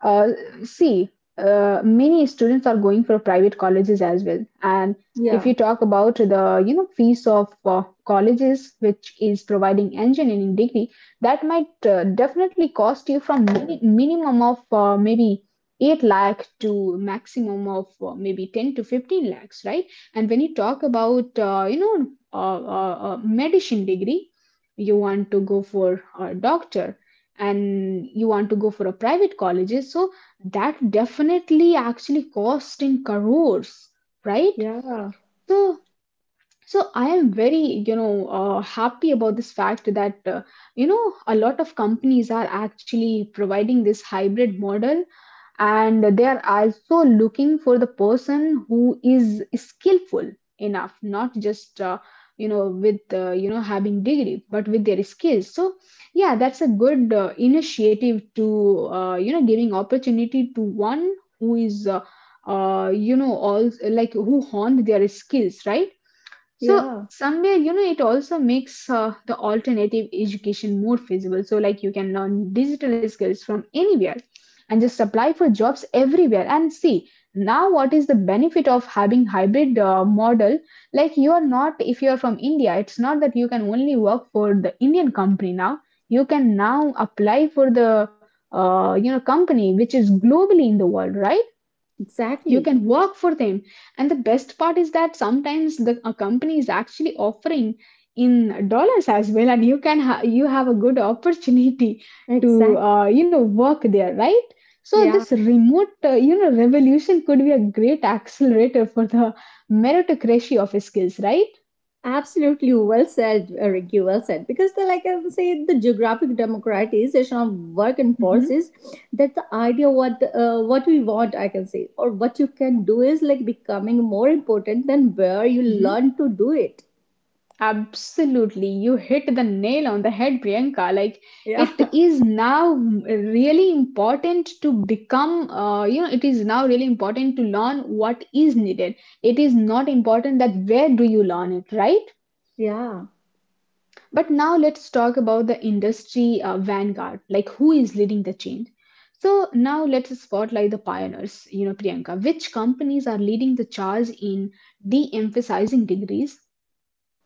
Speaker 1: uh, see, many students are going for private colleges as well. And if
Speaker 2: Yeah,
Speaker 1: you talk about the, you know, fees of colleges which is providing engineering degree, that might definitely cost you from minimum of maybe 8 lakh to maximum of maybe 10 to 15 lakhs, right? And when you talk about, you know, medicine degree, you want to go for a doctor and you want to go for a private colleges, so that definitely actually cost in crores, right?
Speaker 2: yeah,
Speaker 1: So so I am very, you know, happy about this fact that, you know, a lot of companies are actually providing this hybrid model, and they are also looking for the person who is skillful enough, not just you know, with you know, having degree, but with their skills. So yeah, that's a good initiative to, you know, giving opportunity to one who is you know, all like, who honed their skills, right? So
Speaker 2: yeah,
Speaker 1: somewhere, you know, it also makes the alternative education more feasible. So like, you can learn digital skills from anywhere and just apply for jobs everywhere, and see now what is the benefit of having hybrid model. Like, you are not, if you are from india, it's not that you can only work for the indian company. Now you can now apply for the you know, company which is globally in the world, right? You
Speaker 2: exactly.
Speaker 1: can work for them, and the best part is that sometimes the a company is actually offering in dollars as well, and you can you have a good opportunity to,
Speaker 2: Exactly.
Speaker 1: you know, work there, right? So
Speaker 2: Yeah,
Speaker 1: this remote, you know, revolution could be a great accelerator for the meritocracy of skills, right?
Speaker 2: absolutely. Well said, Ricky. Well said. Because, like I would say, the geographic democratization of work and
Speaker 1: Hmm.
Speaker 2: force is that the idea what we want, I can say, or what you can do is like becoming more important than where you learn to do it.
Speaker 1: Absolutely. You hit the nail on the head, Priyanka. Like,
Speaker 2: Yeah,
Speaker 1: it is now really important to become, you know, it is now really important to learn what is needed. It is not important that where do you learn it, right?
Speaker 2: yeah.
Speaker 1: But now let's talk about the industry vanguard, like who is leading the change. So now let's spotlight the pioneers, you know, Priyanka. Which companies are leading the charge in de emphasizing degrees?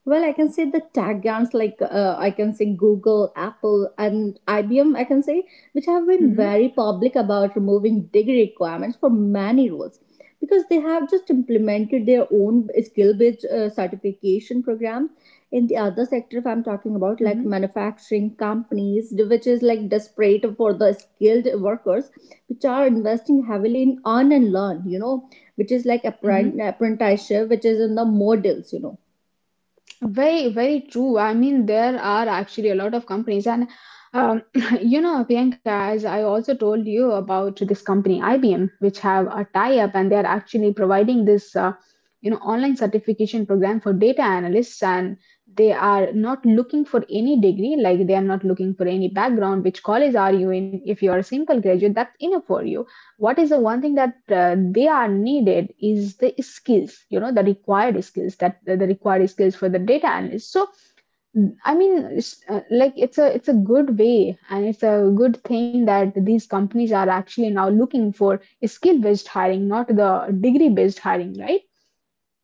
Speaker 2: Well, I can say the tech giants like I can say Google, Apple, and IBM, I can say, which have been
Speaker 1: Hmm,
Speaker 2: very public about removing degree requirements for many roles because they have just implemented their own skill based certification programs. In the other sector, if I'm talking about like
Speaker 1: hmm,
Speaker 2: manufacturing companies, which is like desperate for the skilled workers, which are investing heavily in earn and learn, which is like apprent-
Speaker 1: hmm.
Speaker 2: apprenticeship, which is in the models.
Speaker 1: Very, very true. I mean, there are actually a lot of companies, and um, you know, Priyanka, as I also told you about this company IBM, which have a tie-up, and they are actually providing this, you know, online certification program for data analysts, and they are not looking for any degree, like they are not looking for any background, which college are you in? If you are a simple graduate, that's enough for you. What is the one thing that they are needed is the skills, you know, the required skills, that the required skills for the data analyst. So I mean it's, like it's a, it's a good way, and it's a good thing that these companies are actually now looking for skill based hiring, not the degree based hiring, right?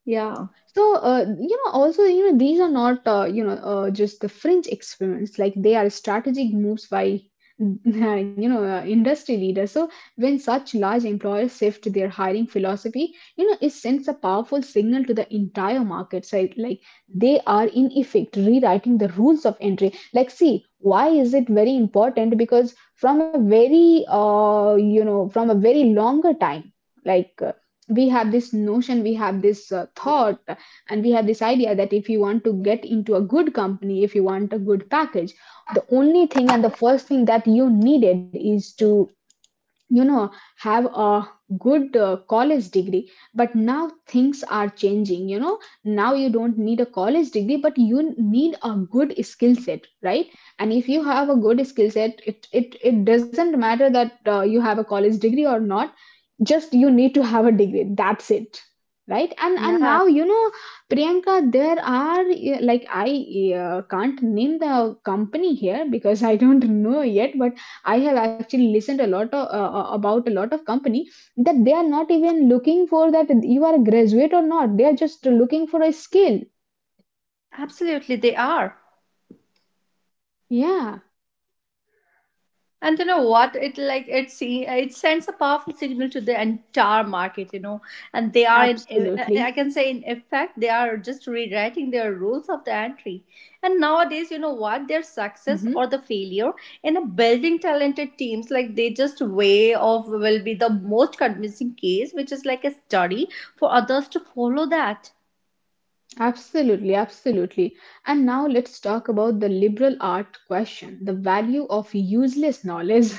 Speaker 2: Yeah.
Speaker 1: So, you know, also, you know, these are not, just the fringe experiments. Like they are strategic moves by, you know, industry leaders. So when such large employers shift their hiring philosophy, you know, it sends a powerful signal to the entire market side. Like, they are in effect rewriting the rules of entry. Like, see, why is it very important? Because from a very, from a very longer time, like uh, we have this notion, we have this thought, and we have this idea that if you want to get into a good company, if you want a good package, the only thing and the first thing that you needed is to, you know, have a good college degree. But now things are changing, you know, now you don't need a college degree, but you need a good skill set, right? And if you have a good skill set, it doesn't matter that you have a college degree or not, just you need to have a degree, that's it, right? And now, you know, Priyanka, there are like I can't name the company here because I don't know yet, but I have actually listened a lot of, about a lot of company that they are not even looking for that you are a graduate or not, they are just looking for a skill.
Speaker 2: Absolutely, they are.
Speaker 1: Yeah,
Speaker 2: And you know what? It like it see it sends a powerful signal to the entire market. And they are
Speaker 1: absolutely.
Speaker 2: I can say in effect they are just rewriting their rules of the entry. And nowadays, you know what? Their success
Speaker 1: Mm-hmm.
Speaker 2: or the failure in a building talented teams like they just way of will be the most convincing case, which is like a study for others to follow that.
Speaker 1: Absolutely, absolutely. And now let's talk about the liberal art question, the value of useless knowledge.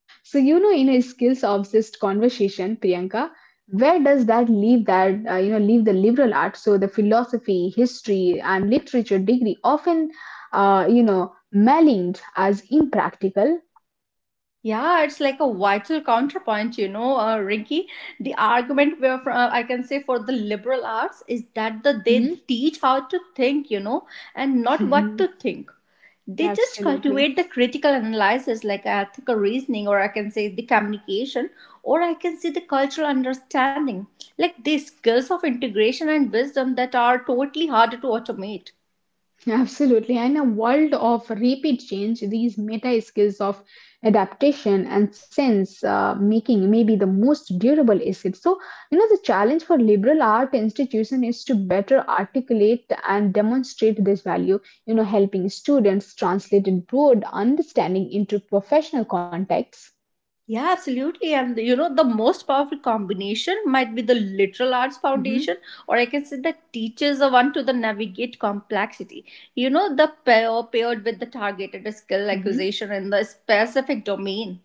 Speaker 1: So, you know, in a skills obsessed conversation, Priyanka, where does that leave leave the liberal art? So, the philosophy, history, and literature degree often, you know, maligned as impractical.
Speaker 2: Yeah, it's like a vital counterpoint, Rinky. The argument where I can say for the liberal arts is that they
Speaker 1: Mhm.
Speaker 2: teach how to think, and not what to think. They just
Speaker 1: Absolutely.
Speaker 2: cultivate the critical analysis, like ethical reasoning, or I can say the communication, or I can say the cultural understanding, like the skills of integration and wisdom that are totally harder to automate.
Speaker 1: Absolutely. In a world of rapid change, these meta skills of adaptation and sense making may be the most durable asset. So, you know, the challenge for liberal art institution is to better articulate and demonstrate this value, you know, helping students translate broad understanding into professional contexts.
Speaker 2: Yeah, absolutely. And the most powerful combination might be the literal arts
Speaker 1: Mhm,
Speaker 2: foundation, or I can say that teaches a one to the navigate complexity. The paired with the targeted skill
Speaker 1: mhm.
Speaker 2: acquisition in the specific domain.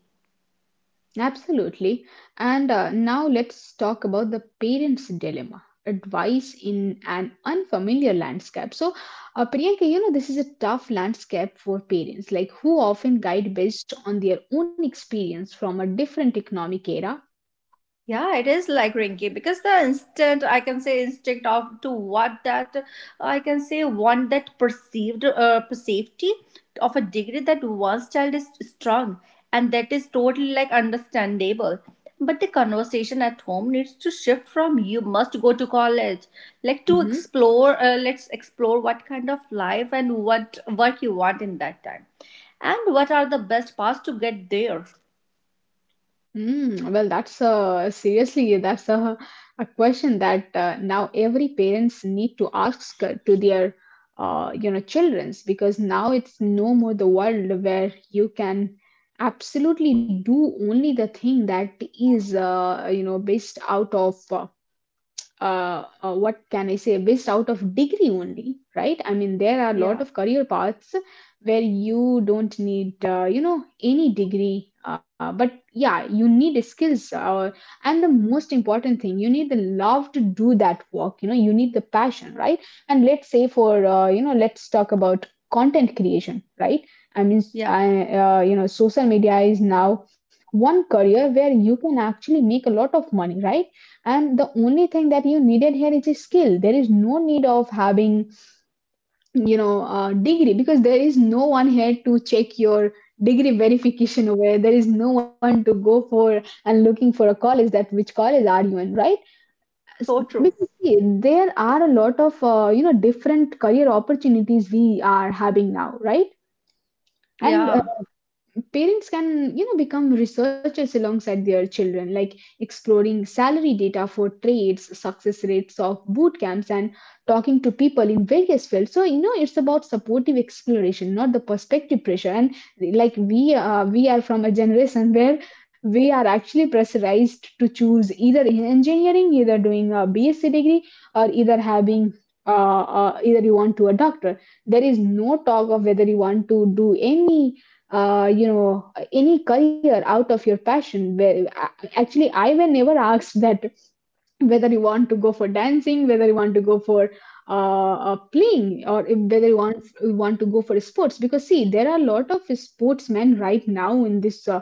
Speaker 1: Absolutely. And now let's talk about the parents' dilemma, advice in an unfamiliar landscape. So, Priyanka, you know, this is a tough landscape for parents, like who often guide based on their own experience from a different economic era.
Speaker 2: Yeah, it is like Rinky because the instant I can say instinct of to what that I can say want that perceived safety of a degree that one's child is strong and that is totally like understandable. But the conversation at home needs to shift from you must go to college, like to
Speaker 1: Mm-hmm.
Speaker 2: explore. Let's explore what kind of life and what you want in that time, and what are the best paths to get there.
Speaker 1: Well, that's seriously, that's a question that now every parents need to ask to their you know, children's, because now it's no more the world where you can absolutely do only the thing that is based out of what can I say, based out of degree only, right? I mean, there are a lot
Speaker 2: Yeah,
Speaker 1: of career paths where you don't need, you know, any degree. But yeah, you need skills, and the most important thing, you need the love to do that work. You know, you need the passion, right? And let's say for, you know, let's talk about content creation, right? I mean,
Speaker 2: yeah,
Speaker 1: you know, social media is now one career where you can actually make a lot of money, right? And the only thing that you needed here is a skill. There is no need of having a degree, because there is no one here to check your degree verification, where there is no one to go for and looking for a college that which college are you in, right?
Speaker 2: so true.
Speaker 1: Because see, there are a lot of different career opportunities we are having now, right? And
Speaker 2: Yeah.
Speaker 1: parents can become researchers alongside their children, like exploring salary data for trades, success rates of boot camps, and talking to people in various fields. So it's about supportive exploration, not the perspective pressure. And like we are from a generation where we are actually pressurized to choose either in engineering, either doing a bsc degree, or either having either you want to a doctor. There is no talk of whether you want to do any uh, you know any career out of your passion, where actually I were never asked that, whether you want to go for dancing, whether you want to go for playing, or whether you want to go for sports. Because see, there are a lot of sportsmen right now in this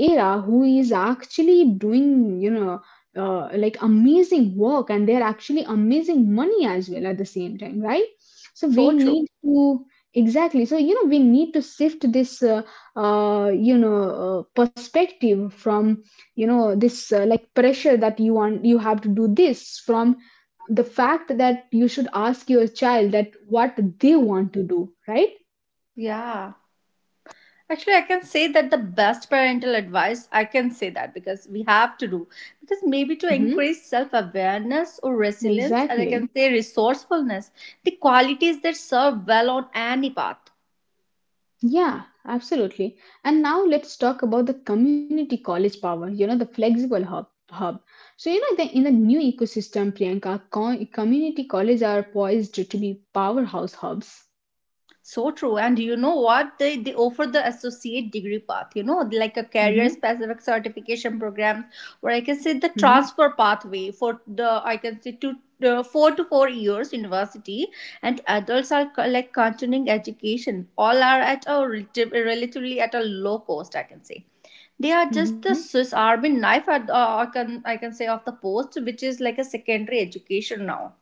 Speaker 1: era who is actually doing like amazing work, and they're actually amazing money as well at the same time, right? So we
Speaker 2: So true.
Speaker 1: need to exactly. So we need to shift this perspective from this like pressure that you have to do this, from the fact that you should ask your child that what they want to do, right?
Speaker 2: Yeah. Actually, I can say that the best parental advice, I can say that because we have to do, because maybe to
Speaker 1: Mm-hmm.
Speaker 2: increase self awareness or resilience, and I can
Speaker 1: Exactly.
Speaker 2: say resourcefulness, the qualities that serve well on any path.
Speaker 1: Yeah, absolutely. And now let's talk about the community college power, you know, the flexible hub. hub so in the new ecosystem, Priyanka, community colleges are poised to be powerhouse hubs.
Speaker 2: So true. And you know what? They offer the associate degree path, you know, like a career
Speaker 1: Mm-hmm.
Speaker 2: specific certification program where I can say the
Speaker 1: Mm-hmm.
Speaker 2: transfer pathway for the, I can say two, 4 years university and adults are like continuing education. All are at a relatively at a low cost, I can say they are just
Speaker 1: Mm-hmm.
Speaker 2: the Swiss Army knife. I can say of the post, which is like a secondary education now.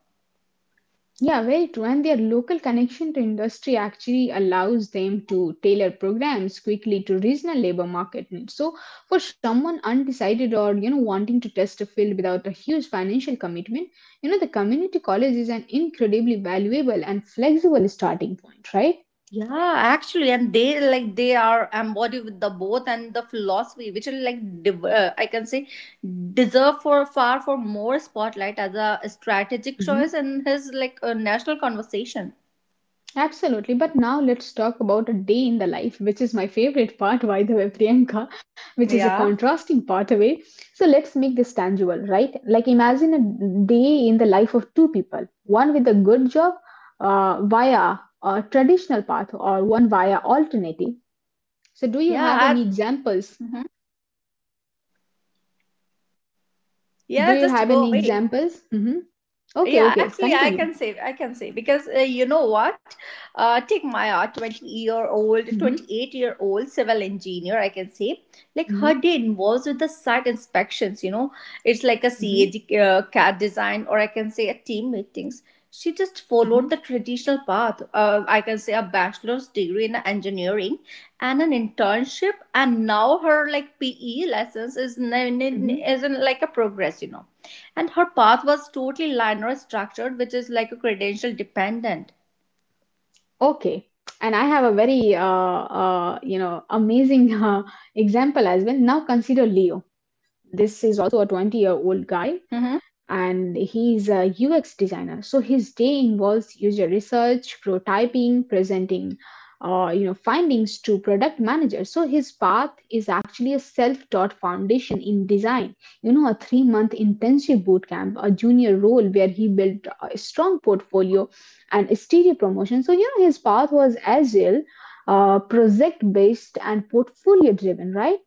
Speaker 1: Yeah, very true. And their local connection to industry actually allows them to tailor programs quickly to regional labor market needs. So, for someone undecided or you know wanting to test a field without a huge financial commitment, you know the community college is an incredibly valuable and flexible starting point, right?
Speaker 2: Yeah, actually, and they like they are embodied with the both and the philosophy, which are like I can say deserve for far for more spotlight as a strategic choice
Speaker 1: Mhm.
Speaker 2: in his like a national conversation.
Speaker 1: Absolutely. But now let's talk about a day in the life, which is my favorite part, by the way, Priyanka, which is a
Speaker 2: Yeah,
Speaker 1: contrasting pathway. So let's make this tangible, right? Like imagine a day in the life of two people, one with a good job via a traditional path or one via alternative. So do you have
Speaker 2: yeah,
Speaker 1: any examples?
Speaker 2: Mhm.
Speaker 1: Do
Speaker 2: Yeah.
Speaker 1: you
Speaker 2: Just
Speaker 1: have
Speaker 2: go
Speaker 1: any
Speaker 2: away.
Speaker 1: examples? Hmm. Okay,
Speaker 2: Yeah,
Speaker 1: okay,
Speaker 2: actually, I
Speaker 1: continue.
Speaker 2: can say I can say because you know what, take Maya, 20-year-old,
Speaker 1: Hmm.
Speaker 2: 28-year-old civil engineer, I can say, like
Speaker 1: Hmm.
Speaker 2: her day involves with the site inspections, you know, it's like a CAD design, or I can say a team meetings. She just
Speaker 1: Hmm.
Speaker 2: followed the traditional path, I can say a bachelor's degree in engineering and an internship, and now her like PE lessons
Speaker 1: Hmm.
Speaker 2: is in like a progress, you know. And her path was totally linear structured, which is like a credential dependent.
Speaker 1: Okay. And I have a very, amazing example as well. Now consider Leo. This is also a 20-year-old guy,
Speaker 2: Hmm.
Speaker 1: and he's a UX designer. So his day involves user research, prototyping, presenting, findings to product managers. So his path is actually a self-taught foundation in design. You know, a three-month intensive bootcamp, a junior role where he built a strong portfolio and steady promotion. So you know, his path was agile, project-based, and portfolio-driven, right?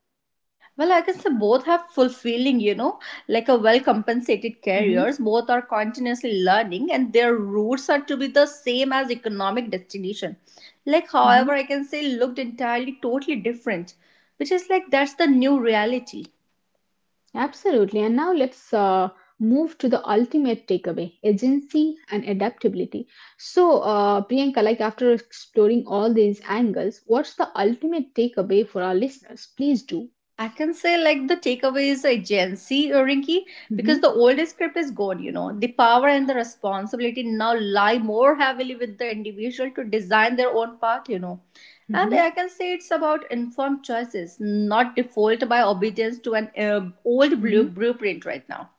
Speaker 2: Well, I can say both have fulfilling, you know, like a well compensated
Speaker 1: Mm-hmm.
Speaker 2: careers. Both are continuously learning and their roots are to be the same as economic destination. Like, however, I can say looked entirely totally different, which is like that's the new reality.
Speaker 1: Absolutely. And now let's move to the ultimate takeaway, agency and adaptability. So, Priyanka, like after exploring all these angles, what's the ultimate takeaway for our listeners? Please do.
Speaker 2: I can say like the takeaway is agency, Gen Rinky, because the
Speaker 1: Mm-hmm,
Speaker 2: old script is gone, you know. The power and the responsibility now lie more heavily with the individual to design their own path, you know. And I
Speaker 1: mm-hmm,
Speaker 2: can say it's about informed choices, not default by obedience to an old
Speaker 1: mm-hmm.
Speaker 2: blueprint right now.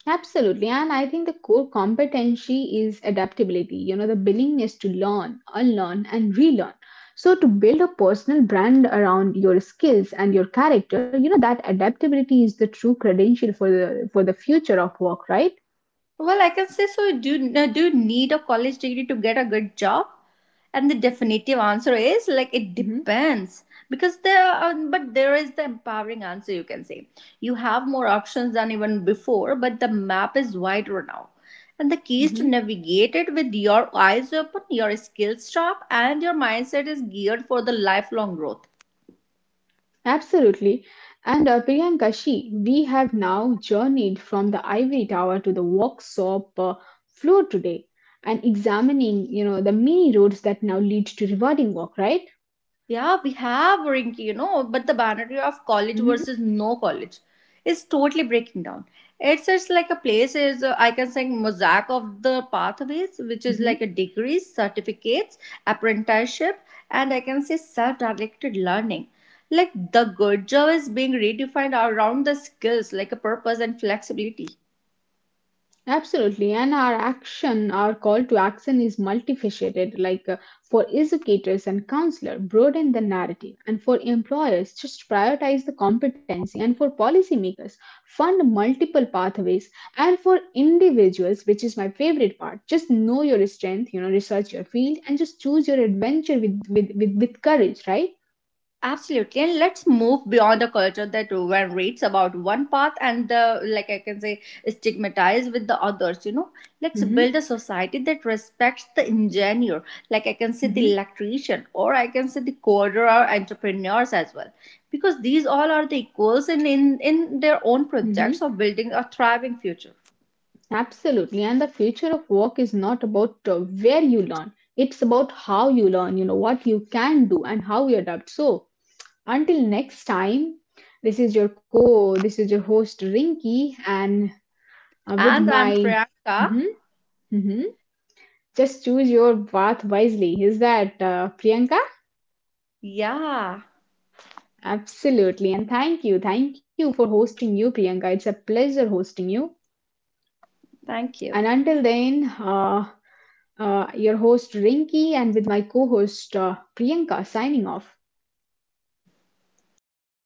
Speaker 1: Absolutely. And I think the core competency is adaptability, you know, the willingness to learn, unlearn, and relearn. So, to build a personal brand around your skills and your character, you know, that adaptability is the true credential for the future of work, right?
Speaker 2: Well, I can say so. Do no, do you need a college degree to get a good job? And the definitive answer is like it
Speaker 1: Hmm.
Speaker 2: depends because there are, but there is the empowering answer, you can say. You have more options than even before, but the map is wider now. And the key is to
Speaker 1: Hmm.
Speaker 2: navigate it with your eyes open, your skills sharp, and your mindset is geared for the lifelong growth.
Speaker 1: Absolutely. And Priyanka, we have now journeyed from the ivory tower to the workshop floor today, and examining, you know, the many roads that now lead to rewarding work, right?
Speaker 2: Yeah, we have, Rinki, you know, but the boundary of college
Speaker 1: Hmm.
Speaker 2: versus no college is totally breaking down. It's like a place is I can say mosaic of the pathways, which is like
Speaker 1: Hmm.
Speaker 2: a degrees, certificates, apprenticeship, and I can say self-directed learning. Like the good job is being redefined around the skills, like a purpose and flexibility.
Speaker 1: Absolutely, and our action, our call to action is multifaceted. Like for educators and counselors, broaden the narrative, and for employers, just prioritize the competency, and for policymakers, fund multiple pathways, and for individuals, which is my favorite part, just know your strength, you know, research your field, and just choose your adventure with courage, right?
Speaker 2: Absolutely, and let's move beyond a culture that one reads about one path and the like, I can say, stigmatize with the others. You know, let's build
Speaker 1: Mm-hmm,
Speaker 2: a society that respects the engineer, like I can say the
Speaker 1: mm-hmm,
Speaker 2: electrician, or I can say the coder or entrepreneurs as well, because these all are the equals in their own
Speaker 1: mm-hmm.
Speaker 2: projects of building a thriving future.
Speaker 1: Absolutely. And the future of work is not about where you learn, it's about how you learn, you know, what you can do and how you adapt. So, until next time, this is your this is your host Rinky, and with
Speaker 2: And I'm
Speaker 1: my,
Speaker 2: Priyanka.
Speaker 1: mhm, mhm, just choose your path wisely. Is that Priyanka?
Speaker 2: Yeah,
Speaker 1: Absolutely. And thank you. Thank you for hosting you, Priyanka. It's a pleasure hosting you.
Speaker 2: thank you.
Speaker 1: And until then, your host Rinki and with my co host Priyanka signing off.